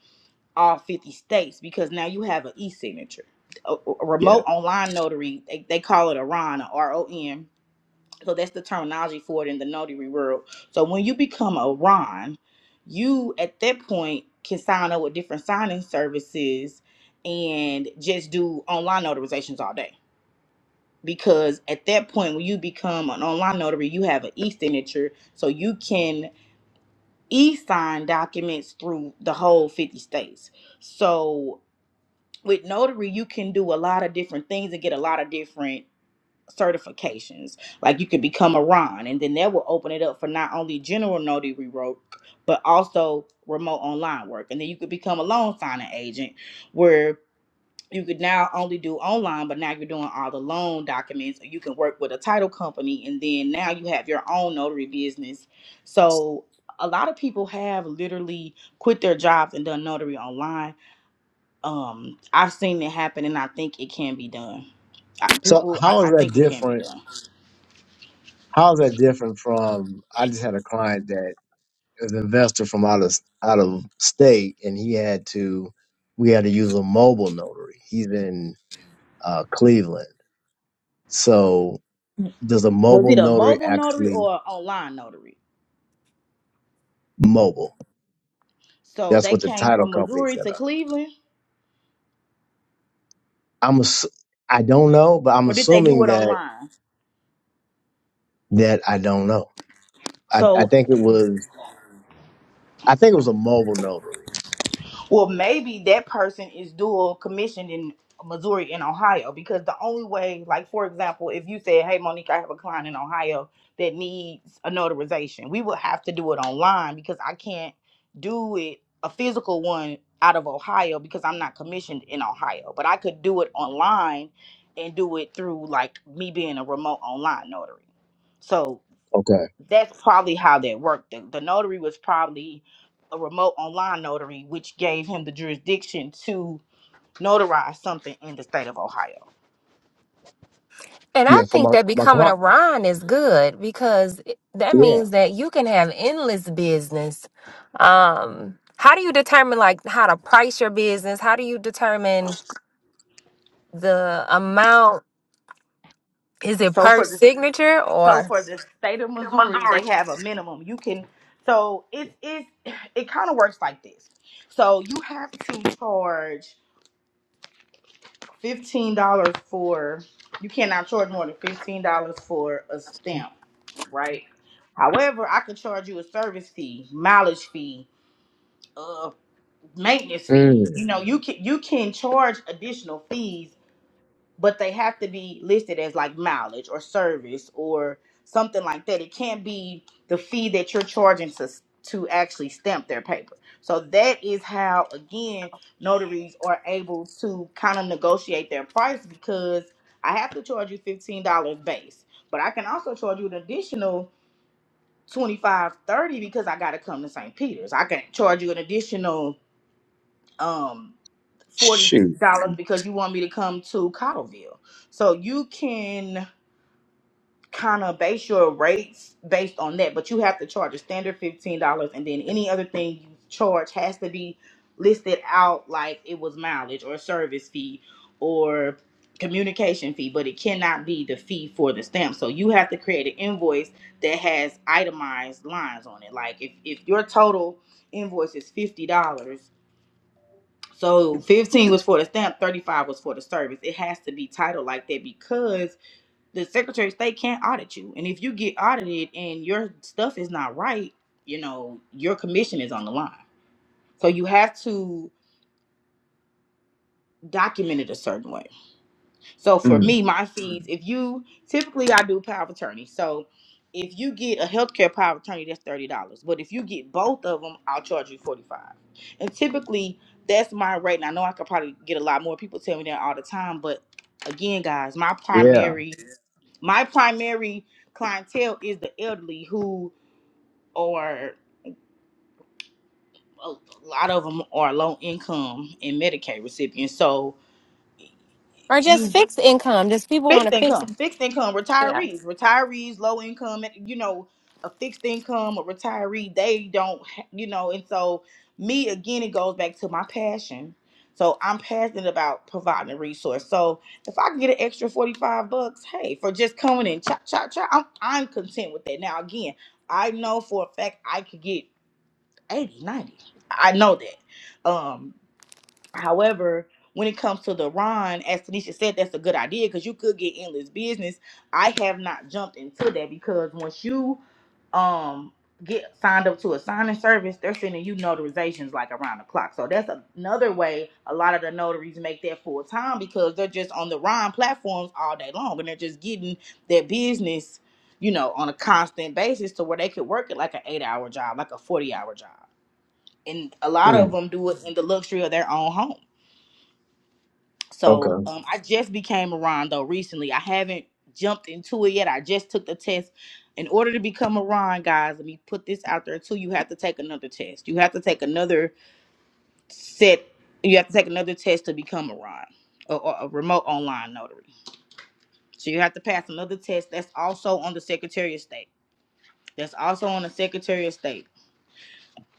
Speaker 2: all 50 states because now you have an e-signature. A, a remote
Speaker 3: Yeah.
Speaker 2: online notary, they, they call it a RON, a R-O-N. So that's the terminology for it in the notary world. So when you become a RON, you at that point can sign up with different signing services and just do online notarizations all day because at that point when you become an online notary you have an e-signature so you can e-sign documents through the whole 50 states so with notary you can do a lot of different things and get a lot of different certifications like you could become a ron and then that will open it up for not only general notary work but also remote online work and then you could become a loan signing agent where you could now only do online, but now you're doing all the loan documents. You can work with a title company, and then now you have your own notary business. So a lot of people have literally quit their jobs and done notary online. Um, I've seen it happen, and I think it can be done. I,
Speaker 3: So
Speaker 2: people, I,
Speaker 3: how is
Speaker 2: I
Speaker 3: that
Speaker 2: think it can be
Speaker 3: different?
Speaker 2: done.
Speaker 3: How is that different from? I just had a client that is an investor from out of out of state, and he had to. We had to use a mobile notary. He's in uh, Cleveland. So does a
Speaker 2: Was
Speaker 3: mobile
Speaker 2: it a
Speaker 3: notary
Speaker 2: mobile notary
Speaker 3: actually
Speaker 2: or an online notary?
Speaker 3: mobile?
Speaker 2: So
Speaker 3: That's
Speaker 2: they
Speaker 3: what the
Speaker 2: came
Speaker 3: title
Speaker 2: from
Speaker 3: company
Speaker 2: Missouri
Speaker 3: set
Speaker 2: to
Speaker 3: up.
Speaker 2: Cleveland,
Speaker 3: I'm ass- I don't know, but I'm
Speaker 2: or did they do
Speaker 3: assuming
Speaker 2: it
Speaker 3: that
Speaker 2: online?
Speaker 3: that I don't know. I, I
Speaker 2: So.
Speaker 3: think it was I think it was a mobile notary.
Speaker 2: Well, maybe that person is dual commissioned in Missouri and Ohio because the only way, like for example, if you said, "Hey, Monique, I have a client in Ohio that needs a notarization," we would have to do it online because I can't do it a physical one out of Ohio because I'm not commissioned in Ohio. But I could do it online and do it through like me being a remote online notary. So
Speaker 3: Okay.
Speaker 2: that's probably how that worked. The, the notary was probably a remote online notary, which gave him the jurisdiction to notarize something in the state of Ohio.
Speaker 1: and i
Speaker 3: Yeah. So
Speaker 1: think
Speaker 3: my
Speaker 1: that
Speaker 3: my
Speaker 1: becoming a
Speaker 3: client.
Speaker 1: ron is good because it- that
Speaker 3: Yeah.
Speaker 1: means that you can have endless business um how do you determine like how to price your business how do you determine the amount is it
Speaker 2: So
Speaker 1: per
Speaker 2: for the
Speaker 1: signature
Speaker 2: so
Speaker 1: or
Speaker 2: for the state of Missouri, they
Speaker 1: Missouri.
Speaker 2: have a minimum. You can so it it it kind of works like this. So you have to charge fifteen dollars for you cannot charge more than fifteen dollars for a stamp, right? However, I could charge you a service fee, mileage fee, uh. maintenance
Speaker 3: Mm,
Speaker 2: fee. You know, you can you can charge additional fees, but they have to be listed as like mileage or service or something like that. It can't be the fee that you're charging to to actually stamp their paper. So that is how again notaries are able to kind of negotiate their price because I have to charge you $15 base, but I can also charge you an additional 25 30 because I got to come to St. Peter's. I can charge you an additional um, forty
Speaker 3: shoot.
Speaker 2: dollars because you want me to come to Cottleville. So you can kind of base your rates based on that, but you have to charge a standard fifteen dollars, and then any other thing you charge has to be listed out like it was mileage or service fee or communication fee, but it cannot be the fee for the stamp. So you have to create an invoice that has itemized lines on it. Like if if your total invoice is fifty dollars so 15 was for the stamp, 35 was for the service. It has to be titled like that because the Secretary of State can't audit you. And if you get audited and your stuff is not right, you know, your commission is on the line. So you have to document it a certain way. So for
Speaker 3: Mm,
Speaker 2: me, my fees, if you typically I do power of attorney. So if you get a healthcare power of attorney, that's thirty dollars. But if you get both of them, I'll charge you forty five. And typically that's my rate. And I know I could probably get a lot more. People tell me that all the time. But again, guys, my
Speaker 3: yeah.
Speaker 2: primary my primary clientele is the elderly who are a lot of them are low income and Medicaid recipients. So
Speaker 1: or just
Speaker 2: you.
Speaker 1: fixed income. Does people want
Speaker 2: fixed
Speaker 1: to fix.
Speaker 2: income, fixed income,
Speaker 1: Yeah.
Speaker 2: retirees, retirees, low income, and, you know, a fixed income, a retiree, they don't, ha- you know, and so me again, it goes back to my passion. So I'm passionate about providing a resource. So if I can get an extra 45 bucks, hey, for just coming in, chop, chop, chop, I'm, I'm content with that. Now, again, I know for a fact I could get 80, 90. I know that. Um, However, when it comes to the Ron, as Tanisha said, that's a good idea because you could get endless business. I have not jumped into that because once you um get signed up to a signing service, they're sending you notarizations like around the clock. So that's another way a lot of the notaries make that full time because they're just on the Ron platforms all day long and they're just getting their business, you know, on a constant basis to where they could work it like an eight hour job, like a 40 hour job. And a lot
Speaker 3: Mm.
Speaker 2: of them do it in the luxury of their own home. So
Speaker 3: Okay.
Speaker 2: um, I just became a Ron though recently. I haven't jumped into it yet. I just took the test. In order to become a Ron, guys, let me put this out there too. You have to take another test. You have to take another set. You have to take another test to become a Ron or, or a remote online notary. So you have to pass another test. That's also on the Secretary of State. That's also on the Secretary of State.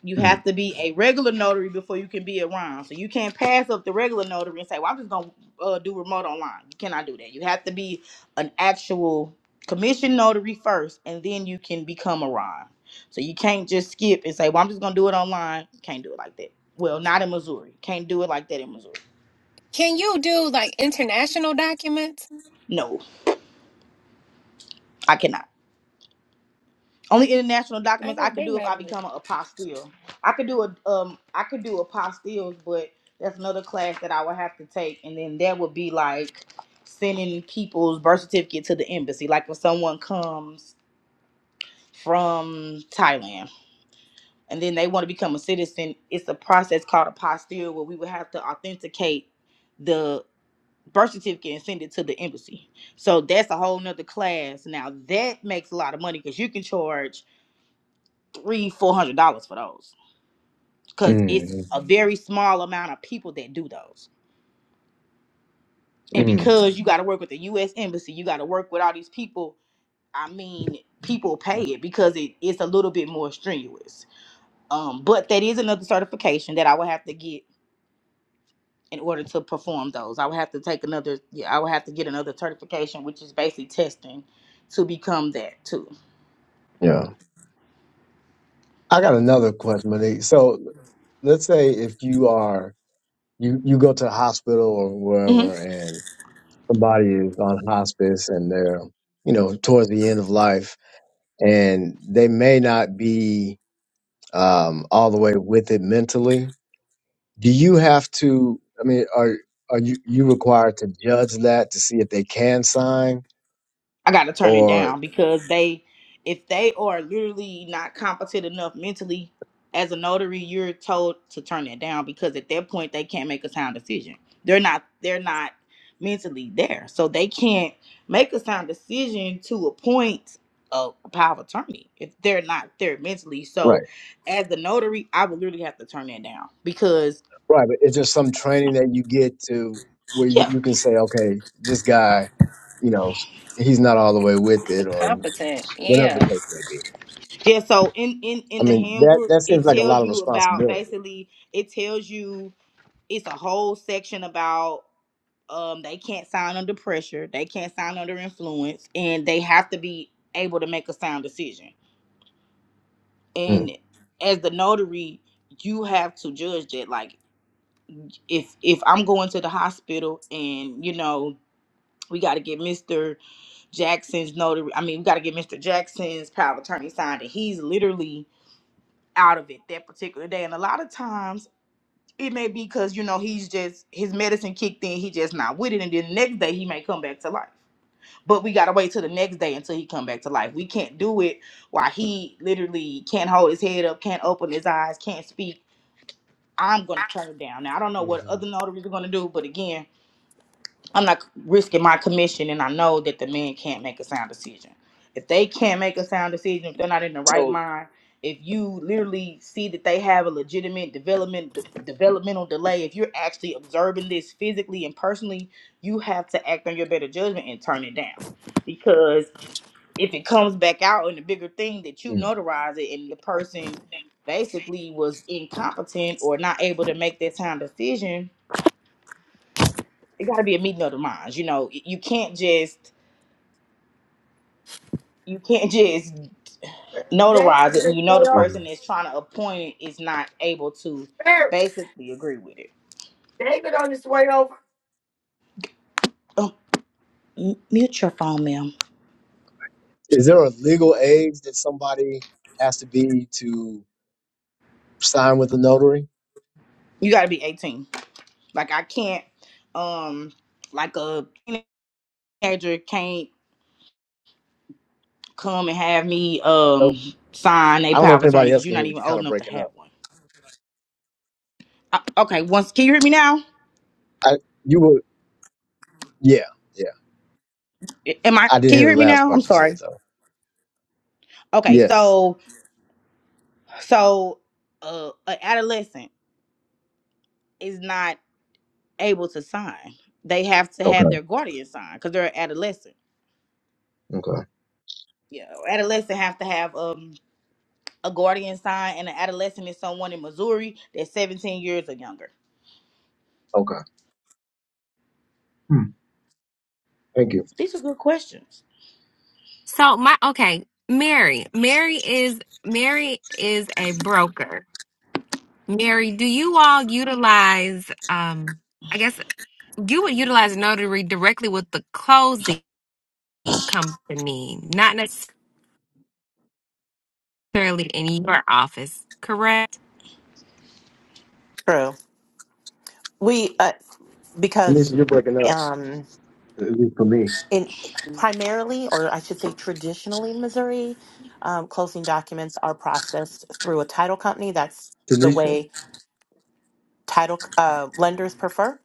Speaker 2: You
Speaker 3: Mm.
Speaker 2: have to be a regular notary before you can be around. So you can't pass up the regular notary and say, "Well, I'm just gonna uh, do remote online." You cannot do that. You have to be an actual commission notary first, and then you can become a RON. So you can't just skip and say, "Well, I'm just gonna do it online." Can't do it like that. Well, not in Missouri. Can't do it like that in Missouri.
Speaker 1: Can you do like international documents?
Speaker 2: No, I cannot. Only international
Speaker 1: I
Speaker 2: documents
Speaker 1: guess
Speaker 2: I could
Speaker 1: they
Speaker 2: do if
Speaker 1: might
Speaker 2: I become an apostille. I could do a um I could do apostilles, but that's another class that I would have to take, and then that would be like sending people's birth certificate to the embassy, like when someone comes from Thailand and then they want to become a citizen. It's a process called apostille where we would have to authenticate the birth certificate and send it to the embassy. So that's a whole nother class. Now that makes a lot of money because you can charge. three, four hundred dollars for those. Cause it's
Speaker 3: Mm.
Speaker 2: a very small amount of people that do those. And
Speaker 3: Mm.
Speaker 2: because you gotta work with the US embassy, you gotta work with all these people, I mean, people pay it because it, it's a little bit more strenuous. Um, but that is another certification that I would have to get in order to perform those. I would have to take another yeah, I would have to get another certification, which is basically testing to become that too.
Speaker 3: Yeah. I got another question, Monique. So let's say if you are you you go to the hospital or
Speaker 2: Mm-hmm.
Speaker 3: wherever, and somebody is on hospice and they're you know towards the end of life, and they may not be um, all the way with it mentally. Do you have to? I mean, are are you you required to judge that to see if they can sign,
Speaker 2: I got to turn it
Speaker 3: or
Speaker 2: down because they, if they are literally not competent enough mentally as a notary, you're told to turn that down because at that point they can't make a sound decision. They're not, they're not mentally there, so they can't make a sound decision to appoint a power of attorney if they're not there mentally.
Speaker 3: Right.
Speaker 2: So, as the notary, I would literally have to turn that down because,
Speaker 3: Right, but it's just some training that you get to where you
Speaker 2: yeah,
Speaker 3: you can say, okay, this guy, you know, he's not all the way with
Speaker 1: be
Speaker 3: it, or
Speaker 1: competent.
Speaker 3: whatever the
Speaker 1: Yeah.
Speaker 3: case may be.
Speaker 2: yeah. So in in
Speaker 3: I
Speaker 2: in the
Speaker 3: mean, that
Speaker 2: handbook,
Speaker 3: that seems
Speaker 2: it
Speaker 3: like a
Speaker 2: tells
Speaker 3: lot of
Speaker 2: you about
Speaker 3: responsibility.
Speaker 2: basically it tells you it's a whole section about um they can't sign under pressure they can't sign under influence and they have to be able to make a sound decision
Speaker 3: Mm.
Speaker 2: and as the notary you have to judge that like if if i'm going to the hospital and you know we got to get mr jackson's notary i mean we got to get mr jackson's power of attorney signed and he's literally out of it that particular day and a lot of times it may be because you know he's just his medicine kicked in he just not with it and then the next day he may come back to life but we gotta wait till the next day until he come back to life we can't do it while he literally can't hold his head up can't open his eyes can't speak i'm gonna turn it down now i don't know what
Speaker 3: hmm
Speaker 2: other notaries are gonna do but again I'm not risking my commission, and I know that the men can't make a sound decision. If they can't make a sound decision, if they're not in the right
Speaker 3: So,
Speaker 2: mind, if you literally see that they have a legitimate development d- developmental delay, if you're actually observing this physically and personally, you have to act on your better judgment and turn it down. Because if it comes back out in the bigger thing that you
Speaker 3: you
Speaker 2: notarize it, and the person basically was incompetent or not able to make that sound decision, it got to be a meeting of the minds. You know, you can't just you can't just
Speaker 4: David
Speaker 2: notarize
Speaker 4: on
Speaker 2: it, and
Speaker 4: his
Speaker 2: you know
Speaker 4: way
Speaker 2: the
Speaker 3: know, hmm
Speaker 2: person that's trying to appoint it is not able to
Speaker 4: over.
Speaker 2: basically agree with it.
Speaker 4: David on his way over.
Speaker 2: Oh, m- mute your phone, ma'am.
Speaker 3: is there a legal age that somebody has to be to sign with a notary?
Speaker 2: You got to be eighteen. Like I can't, um, like a teenager can't come and have me
Speaker 3: Oh,
Speaker 2: um sign a
Speaker 3: I don't know
Speaker 2: power
Speaker 3: if
Speaker 2: of attorney
Speaker 3: anybody else
Speaker 2: because you're
Speaker 3: can
Speaker 2: not
Speaker 3: hear, but
Speaker 2: even
Speaker 3: you're kind
Speaker 2: old
Speaker 3: of
Speaker 2: enough to
Speaker 3: breaking
Speaker 2: have
Speaker 3: up.
Speaker 2: one. Uh, okay, once can you hear me now?
Speaker 3: I, you were, yeah, yeah.
Speaker 2: Am I?
Speaker 3: I didn't
Speaker 2: Can
Speaker 3: hear
Speaker 2: you
Speaker 3: the
Speaker 2: hear me
Speaker 3: last
Speaker 2: now? I'm
Speaker 3: part you said
Speaker 2: sorry.
Speaker 3: though.
Speaker 2: Okay,
Speaker 3: Yes.
Speaker 2: so So, uh, an adolescent is not able to sign. They have to have
Speaker 3: Okay.
Speaker 2: their guardian sign because they're an adolescent.
Speaker 3: Okay.
Speaker 2: Yeah, adolescent have to have um a guardian sign, and an adolescent is someone in Missouri that's 17 years or younger.
Speaker 3: Okay. Hmm. Thank you.
Speaker 2: These are good questions.
Speaker 1: So my okay, Mary. Mary is Mary is a broker. Mary, do you all utilize um I guess you would utilize notary directly with the closing company, not necessarily in your office, correct?
Speaker 5: True. We uh, because
Speaker 3: Tanisha, you're breaking up.
Speaker 5: um,
Speaker 3: At least for me.
Speaker 5: in primarily, or I should say, traditionally in Missouri, um, closing documents are processed through a title company. That's the
Speaker 3: Tanisha?
Speaker 5: way title uh, lenders prefer.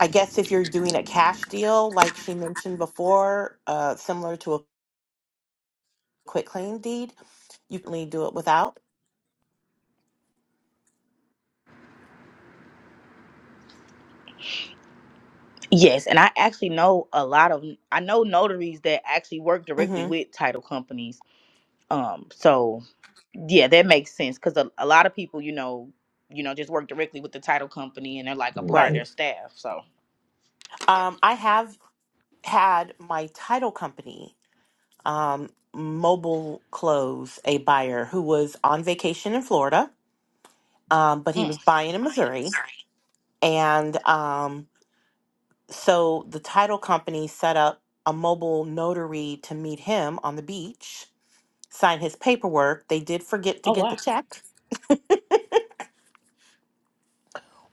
Speaker 5: I guess if you're doing a cash deal, like she mentioned before, uh, similar to a quit claim deed, you can do it without.
Speaker 2: Yes, and I actually know a lot of I know notaries that actually work directly
Speaker 5: hmm
Speaker 2: with title companies. Um, so yeah, that makes sense because a, a lot of people, you know, you know, just work directly with the title company, and they're like a part of
Speaker 3: hmm
Speaker 5: Right.
Speaker 2: their staff. So. yeah.
Speaker 5: Um, I have had my title company. um, mobile clothes a buyer who was on vacation in Florida, um, but he
Speaker 2: Mm.
Speaker 5: was buying in Missouri. And um, so the title company set up a mobile notary to meet him on the beach, sign his paperwork. They did forget to
Speaker 2: Oh
Speaker 5: get
Speaker 2: wow.
Speaker 5: the check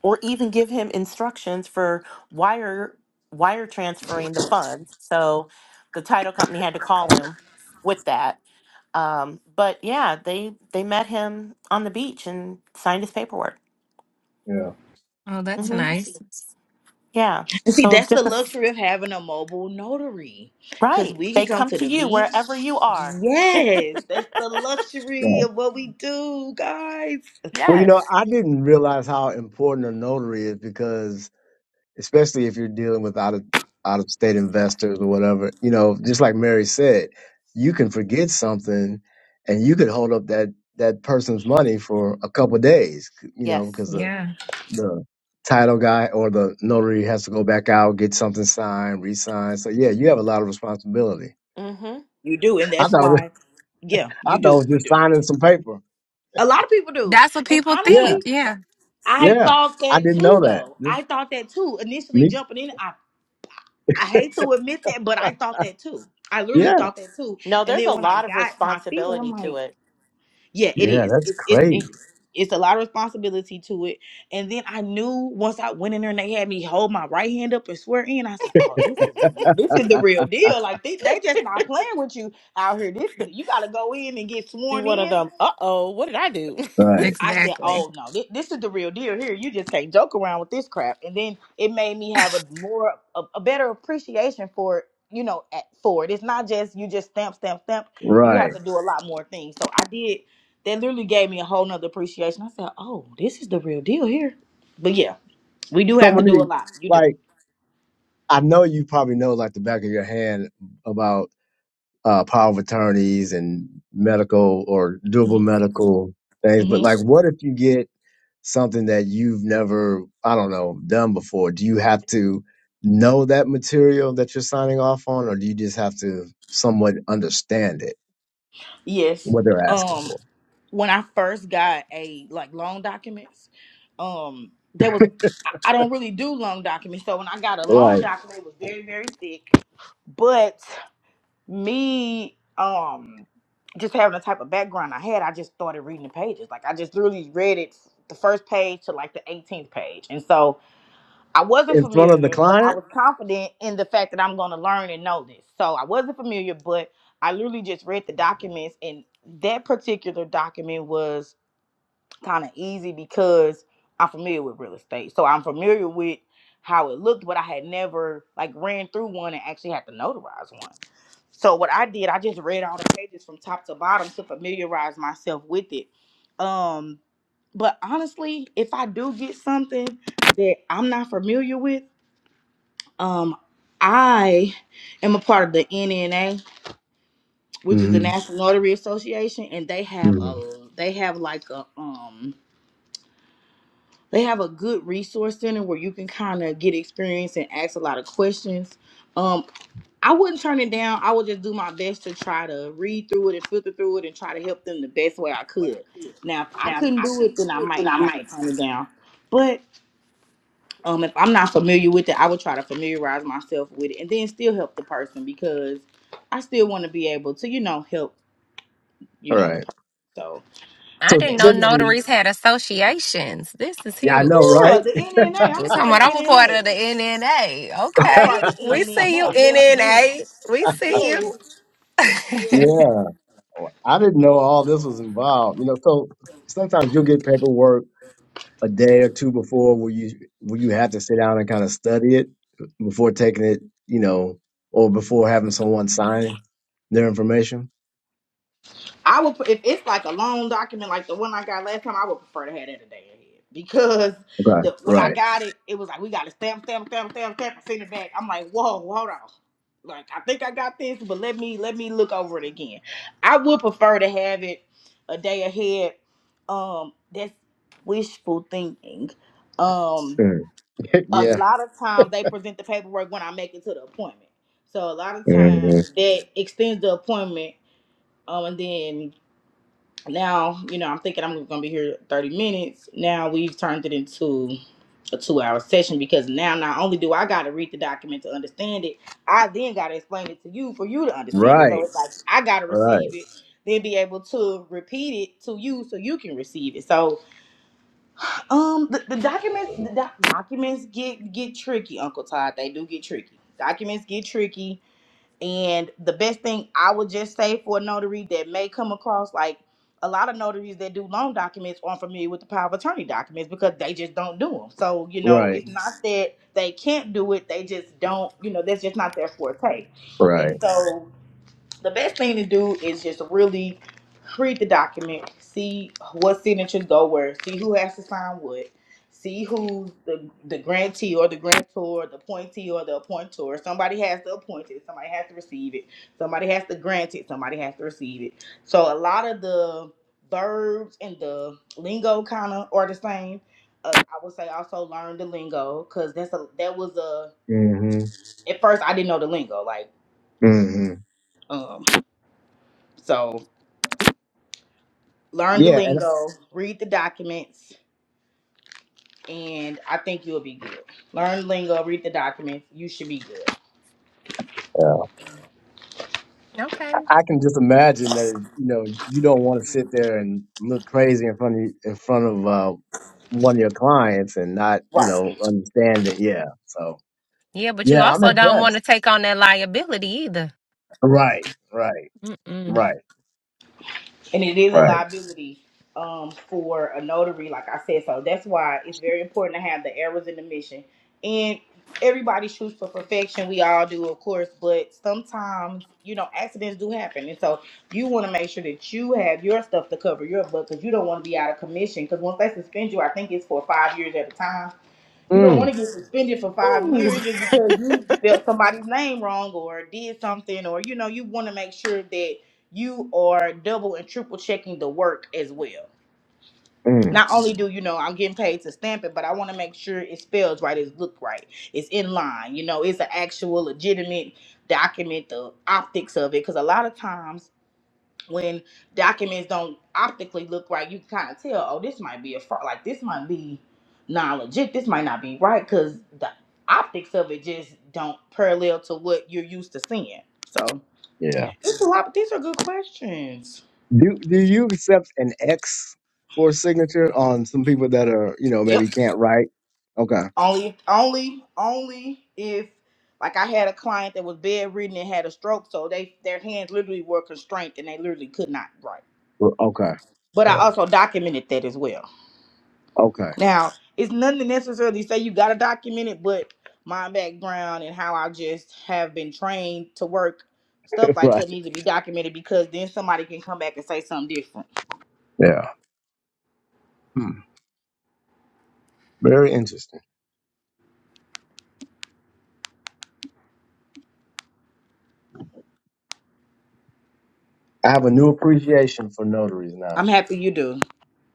Speaker 5: or even give him instructions for wire wire transferring the funds. So the title company had to call him with that Um, but yeah, they they met him on the beach and signed his paperwork.
Speaker 3: Yeah.
Speaker 1: Oh, that's
Speaker 5: hmm
Speaker 1: nice.
Speaker 5: Yeah.
Speaker 2: And see,
Speaker 5: So it's
Speaker 2: that's the
Speaker 5: just a, s-
Speaker 2: luxury of having a mobile notary. Cause
Speaker 5: right.
Speaker 2: we can
Speaker 5: They
Speaker 2: come
Speaker 5: come
Speaker 2: to
Speaker 5: to
Speaker 2: the
Speaker 5: you
Speaker 2: beach.
Speaker 5: wherever you are.
Speaker 2: Yes, that's the luxury
Speaker 3: Right.
Speaker 2: of what we do, guys.
Speaker 3: Well, you know,
Speaker 5: Yes.
Speaker 3: I didn't realize how important a notary is because, especially if you're dealing with out of out of state investors or whatever, you know, just like Mary said, you can forget something, and you could hold up that that person's money for a couple of days, you know,
Speaker 5: Yes.
Speaker 3: because the
Speaker 1: Yeah.
Speaker 3: the title guy or the notary has to go back out, get something signed, re-signed. So yeah, you have a lot of responsibility.
Speaker 5: hmm
Speaker 2: You do, and
Speaker 3: I
Speaker 2: that's
Speaker 3: thought
Speaker 2: why, yeah,
Speaker 3: I
Speaker 2: you
Speaker 3: thought
Speaker 2: do,
Speaker 3: it was
Speaker 2: you
Speaker 3: just
Speaker 2: do.
Speaker 3: signing some paper.
Speaker 2: A lot of people do.
Speaker 1: That's what
Speaker 2: And
Speaker 1: people
Speaker 3: Yeah,
Speaker 2: honestly,
Speaker 1: think. Yeah.
Speaker 2: I
Speaker 3: yeah.
Speaker 2: thought
Speaker 3: I
Speaker 2: that
Speaker 3: didn't
Speaker 2: too
Speaker 3: know that.
Speaker 2: though.
Speaker 3: Just
Speaker 2: I thought that too. Initially
Speaker 3: me.
Speaker 2: jumping in, I, I hate to admit that, but I thought that too. I literally
Speaker 3: Yeah,
Speaker 2: thought that too.
Speaker 5: No,
Speaker 2: And
Speaker 5: there's
Speaker 2: then
Speaker 5: a
Speaker 2: when I
Speaker 5: lot of
Speaker 2: got my feet wet, I'm
Speaker 5: responsibility
Speaker 2: like,
Speaker 5: to it.
Speaker 2: Yeah, it
Speaker 3: yeah.
Speaker 2: is.
Speaker 3: That's
Speaker 2: It's it's it,
Speaker 3: crazy.
Speaker 2: it's a lot of responsibility to it. And then I knew once I went in there and they had me hold my right hand up and swear in, I said, "Oh, this is real. This is the real deal. Like they they just not playing with you out here. This you got to go in and get
Speaker 5: Do
Speaker 2: sworn
Speaker 5: one of
Speaker 2: in."
Speaker 5: them. Uh oh, what did I do?
Speaker 3: Right,
Speaker 2: I said,
Speaker 1: Exactly.
Speaker 2: "Oh no, this, this is the real deal here. You just can't joke around with this crap." And then it made me have a more a, a better appreciation for you know at, for it. It's not just you just stamp, stamp, stamp. You
Speaker 3: right.
Speaker 2: have to do a lot more things. So I did. That literally gave me a whole nother appreciation. I said, "Oh, this is the real deal here." But yeah, we do
Speaker 3: So
Speaker 2: have to do a
Speaker 3: Monique,
Speaker 2: lot. You do.
Speaker 3: like I know you probably know like the back of your hand about uh, power of attorneys and medical or doable
Speaker 2: hmm
Speaker 3: medical things, but
Speaker 2: hmm
Speaker 3: like, what if you get something that you've never, I don't know, done before? Do you have to know that material that you're signing off on, or do you just have to somewhat understand it?
Speaker 2: Yes.
Speaker 3: what they're asking
Speaker 2: Um.
Speaker 3: for.
Speaker 2: when I first got a like loan documents, um, there was I, I don't really do loan documents. So when I got a loan
Speaker 3: Right.
Speaker 2: document, it was very very thick. But me, um, just having the type of background I had, I just started reading the pages. Like I just literally read it the first page to like the 18th page, and so I wasn't
Speaker 3: In front of the
Speaker 2: familiar, but I
Speaker 3: client?
Speaker 2: was confident in the fact that I'm going to learn and know this. So I wasn't familiar, but I literally just read the documents, and that particular document was kind of easy because I'm familiar with real estate. So I'm familiar with how it looked, but I had never like ran through one and actually had to notarize one. So what I did, I just read all the pages from top to bottom to familiarize myself with it. Um, but honestly, if I do get something that I'm not familiar with, um, I am a part of the NNA, which is the
Speaker 3: Mm-hmm.
Speaker 2: National Notary Association, and they have
Speaker 3: Mm-hmm.
Speaker 2: a they have like a um they have a good resource center where you can kind of get experience and ask a lot of questions. Um, I wouldn't turn it down. I would just do my best to try to read through it and filter through it and try to help them the best way I could. Now, if I couldn't do it, then I might have to turn it down. But um, if I'm not familiar with it, I would try to familiarize myself with it and then still help the person because I still want to be able to, you know, help, you
Speaker 3: All
Speaker 2: know, the
Speaker 3: right.
Speaker 2: person. So,
Speaker 1: I
Speaker 3: So
Speaker 1: didn't
Speaker 2: eh,
Speaker 1: know
Speaker 2: but
Speaker 3: typically,
Speaker 1: notaries had associations. This is
Speaker 3: yeah, I know,
Speaker 1: huge.
Speaker 2: yeah,
Speaker 3: right?
Speaker 2: the NNA, I'm a
Speaker 1: You're talking
Speaker 2: part
Speaker 1: about
Speaker 2: of
Speaker 1: I'm a part
Speaker 2: NNA.
Speaker 1: of the NNA.
Speaker 2: I'm a part
Speaker 1: Okay.
Speaker 2: of the
Speaker 1: We see you,
Speaker 2: NNA. Yes, ma'am.
Speaker 1: NNA. We see
Speaker 2: Yes,
Speaker 1: you.
Speaker 2: yes.
Speaker 3: Yeah. I didn't know all this was involved. You know, so sometimes you'll get paperwork a day or two before where you where you have to sit down and kind of study it before taking it, you know, or before having someone sign their information.
Speaker 2: I would pre- if it's like a long document like the one I got last time. I would prefer to have that a day ahead because
Speaker 3: Okay.
Speaker 2: the when I
Speaker 3: Right.
Speaker 2: got it, it was like we got to stamp, stamp, stamp, stamp, stamp, and send it back. I'm like, whoa, hold on. Like I think I got this, but let me let me look over it again. I would prefer to have it a day ahead. Um, that's wishful thinking. Um,
Speaker 3: Mhm.
Speaker 2: a
Speaker 3: Yeah.
Speaker 2: lot of times they present the paperwork when I make it to the appointment. So a lot of
Speaker 3: Mhm.
Speaker 2: times that extends the appointment. Um, and then now, you know, I'm thinking I'm gonna be here 30 minutes. Now we've turned it into a two-hour session because now not only do I gotta read the document to understand it, I then gotta explain it to you for you to understand it. So
Speaker 3: Right.
Speaker 2: it's like I gotta
Speaker 3: Right.
Speaker 2: receive it, then be able to repeat it to you so you can receive it. So um, the, the documents, the doc- documents get get tricky, Uncle Todd. They do get tricky. Documents get tricky, and the best thing I would just say for a notary that may come across like a lot of notaries that do loan documents aren't familiar with the power of attorney documents because they just don't do them. So you know,
Speaker 3: Right.
Speaker 2: it's not that they can't do it; they just don't. You know, that's just not their forte. And
Speaker 3: Right.
Speaker 2: so the best thing to do is just really read the document, see what signatures go where, see who has to sign what, see who's the, the grantee or the grantor, the appointee or the appointor. Somebody has to appoint it, somebody has to receive it, somebody has to grant it, somebody has to receive it. So a lot of the verbs and the lingo kind of are the same. Uh, I would say also learn the lingo because that's a that was a
Speaker 3: hmm
Speaker 2: at first I didn't know the lingo like
Speaker 3: hmm
Speaker 2: um so learn the
Speaker 3: Yeah.
Speaker 2: lingo, read the documents, and I think you'll be good. Learn lingo, read the documents, you should be good.
Speaker 3: Yeah. I
Speaker 1: Okay.
Speaker 3: I can just imagine that you know you don't want to sit there and look crazy in front of in front of uh, one of your clients and not you
Speaker 2: Right.
Speaker 3: know understand it. Yeah, so
Speaker 1: Yeah, but you
Speaker 3: yeah, I'm
Speaker 1: also don't want to
Speaker 3: impressed.
Speaker 1: take on that liability either.
Speaker 3: Right, right,
Speaker 1: Mm-mm.
Speaker 3: right,
Speaker 2: And it is a
Speaker 3: right.
Speaker 2: liability um for a notary, like I said. So that's why it's very important to have the errors in the mission. And everybody shoots for perfection. We all do, of course, but sometimes you know accidents do happen, and so you want to make sure that you have your stuff to cover your butt because you don't want to be out of commission. Because once they suspend you, I think it's for five years at a time You don't want
Speaker 3: Mm,
Speaker 2: to get suspended for five years just because you spelled somebody's name wrong or did something, or you know, you want to make sure that you are double and triple checking the work as well.
Speaker 3: mm,
Speaker 2: Not only do you know I'm getting paid to stamp it, but I want to make sure it spells right, it's looked right, it's in line. You know, it's an actual legitimate document. The optics of it, because a lot of times when documents don't optically look right, you can kind of tell, oh, this might be a fraud. Like this might be non legit. This might not be right because the optics of it just don't parallel to what you're used to seeing. So
Speaker 3: yeah.
Speaker 2: it's a lot. But these are good questions.
Speaker 3: Do do you accept an X for signature on some people that are you know
Speaker 2: Yep.
Speaker 3: maybe can't write? Okay,
Speaker 2: Only, only, only if like I had a client that was bedridden and had a stroke, so they their hands literally were constrained and they literally could not write.
Speaker 3: Well, okay,
Speaker 2: But I
Speaker 3: yeah,
Speaker 2: also documented that as well.
Speaker 3: okay,
Speaker 2: Now, it's nothing to necessarily say you gotta document it, but my background and how I just have been trained to work, stuff like
Speaker 3: right,
Speaker 2: that needs to be documented because then somebody can come back and say something different.
Speaker 3: yeah. Hmm. Very interesting. I have a new appreciation for notaries now.
Speaker 2: I'm happy you do.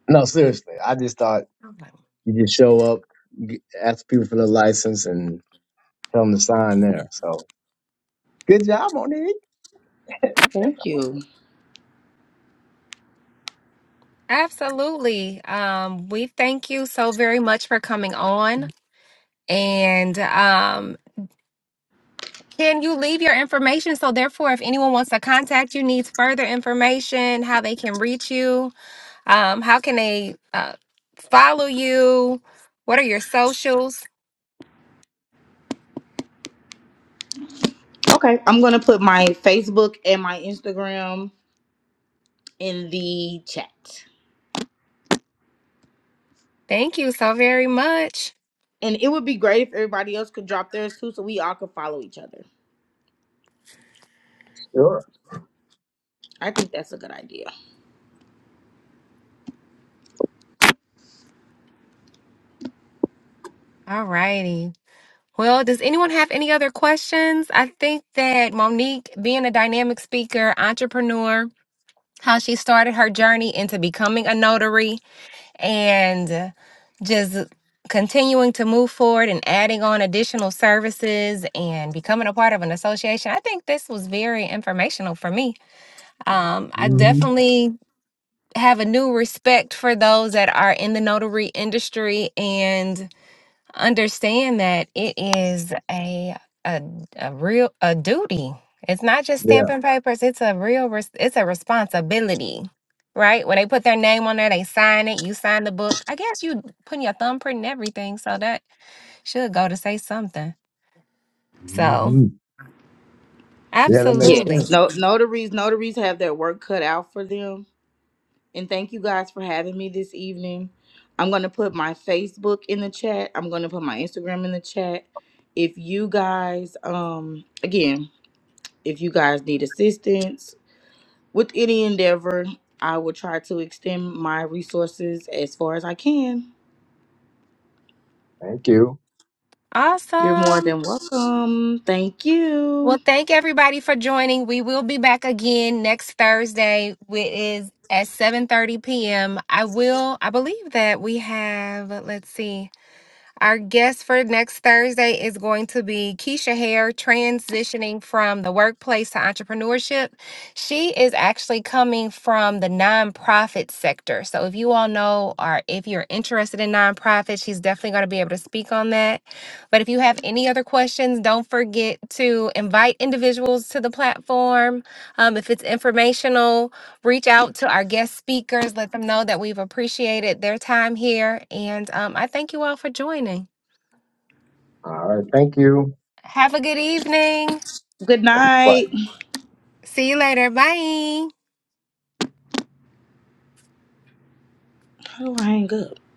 Speaker 3: No, seriously. I just thought
Speaker 1: Okay.
Speaker 3: you just show up, g- ask people for their license, and tell them to sign there. So good job, Monique. That's
Speaker 2: Thank
Speaker 3: awesome.
Speaker 2: you.
Speaker 1: Absolutely. Um, we thank you so very much for coming on. And um, can you leave your information? So, therefore, if anyone wants to contact you, needs further information, how they can reach you, um, how can they uh, follow you? What are your socials?
Speaker 2: Okay, I'm gonna put my Facebook and my Instagram in the chat.
Speaker 1: Thank you so very much.
Speaker 2: And it would be great if everybody else could drop theirs too so we all could follow each other.
Speaker 3: Sure.
Speaker 2: I think that's a good idea.
Speaker 1: All righty. Well, does anyone have any other questions? I think that Monique, being a dynamic speaker, entrepreneur, how she started her journey into becoming a notary and just continuing to move forward and adding on additional services and becoming a part of an association. I think this was very informational for me. Um, I
Speaker 3: hmm
Speaker 1: definitely have a new respect for those that are in the notary industry and understand that it is a a, a real a duty. It's not just
Speaker 3: Yeah.
Speaker 1: stamping papers. It's a real res- it's a responsibility, right? When they put their name on there, they sign it. You sign the book. I guess you putting your thumbprint and everything, so that should go to say something. So
Speaker 3: hmm Yeah, that makes
Speaker 2: Yes.
Speaker 1: absolutely
Speaker 3: sense.
Speaker 2: No notaries notaries have their work cut out for them and thank you guys for having me this evening. I'm going to put my Facebook in the chat. I'm going to put my Instagram in the chat. If you guys um again, if you guys need assistance with any endeavor, I will try to extend my resources as far as I can.
Speaker 3: Thank you.
Speaker 2: You're more
Speaker 1: awesome.
Speaker 2: than welcome. Thank
Speaker 1: Well,
Speaker 2: you.
Speaker 1: thank everybody for joining. We will be back again next Thursday, which is at 7:30 p.m. I will I believe that we have let's see. Our guest for next Thursday is going to be Keisha Hare, transitioning from the workplace to entrepreneurship. She is actually coming from the nonprofit sector. So, if you all know or if you're interested in nonprofits, she's definitely going to be able to speak on that. But if you have any other questions, don't forget to invite individuals to the platform. Um, if it's informational, reach out to our guest speakers, let them know that we've appreciated their time here. And um, I thank you all for joining.
Speaker 3: All right. Thank you.
Speaker 1: Have a good evening.
Speaker 2: Good
Speaker 3: Bye.
Speaker 2: night.
Speaker 1: See you later. Bye.
Speaker 2: How do I hang up?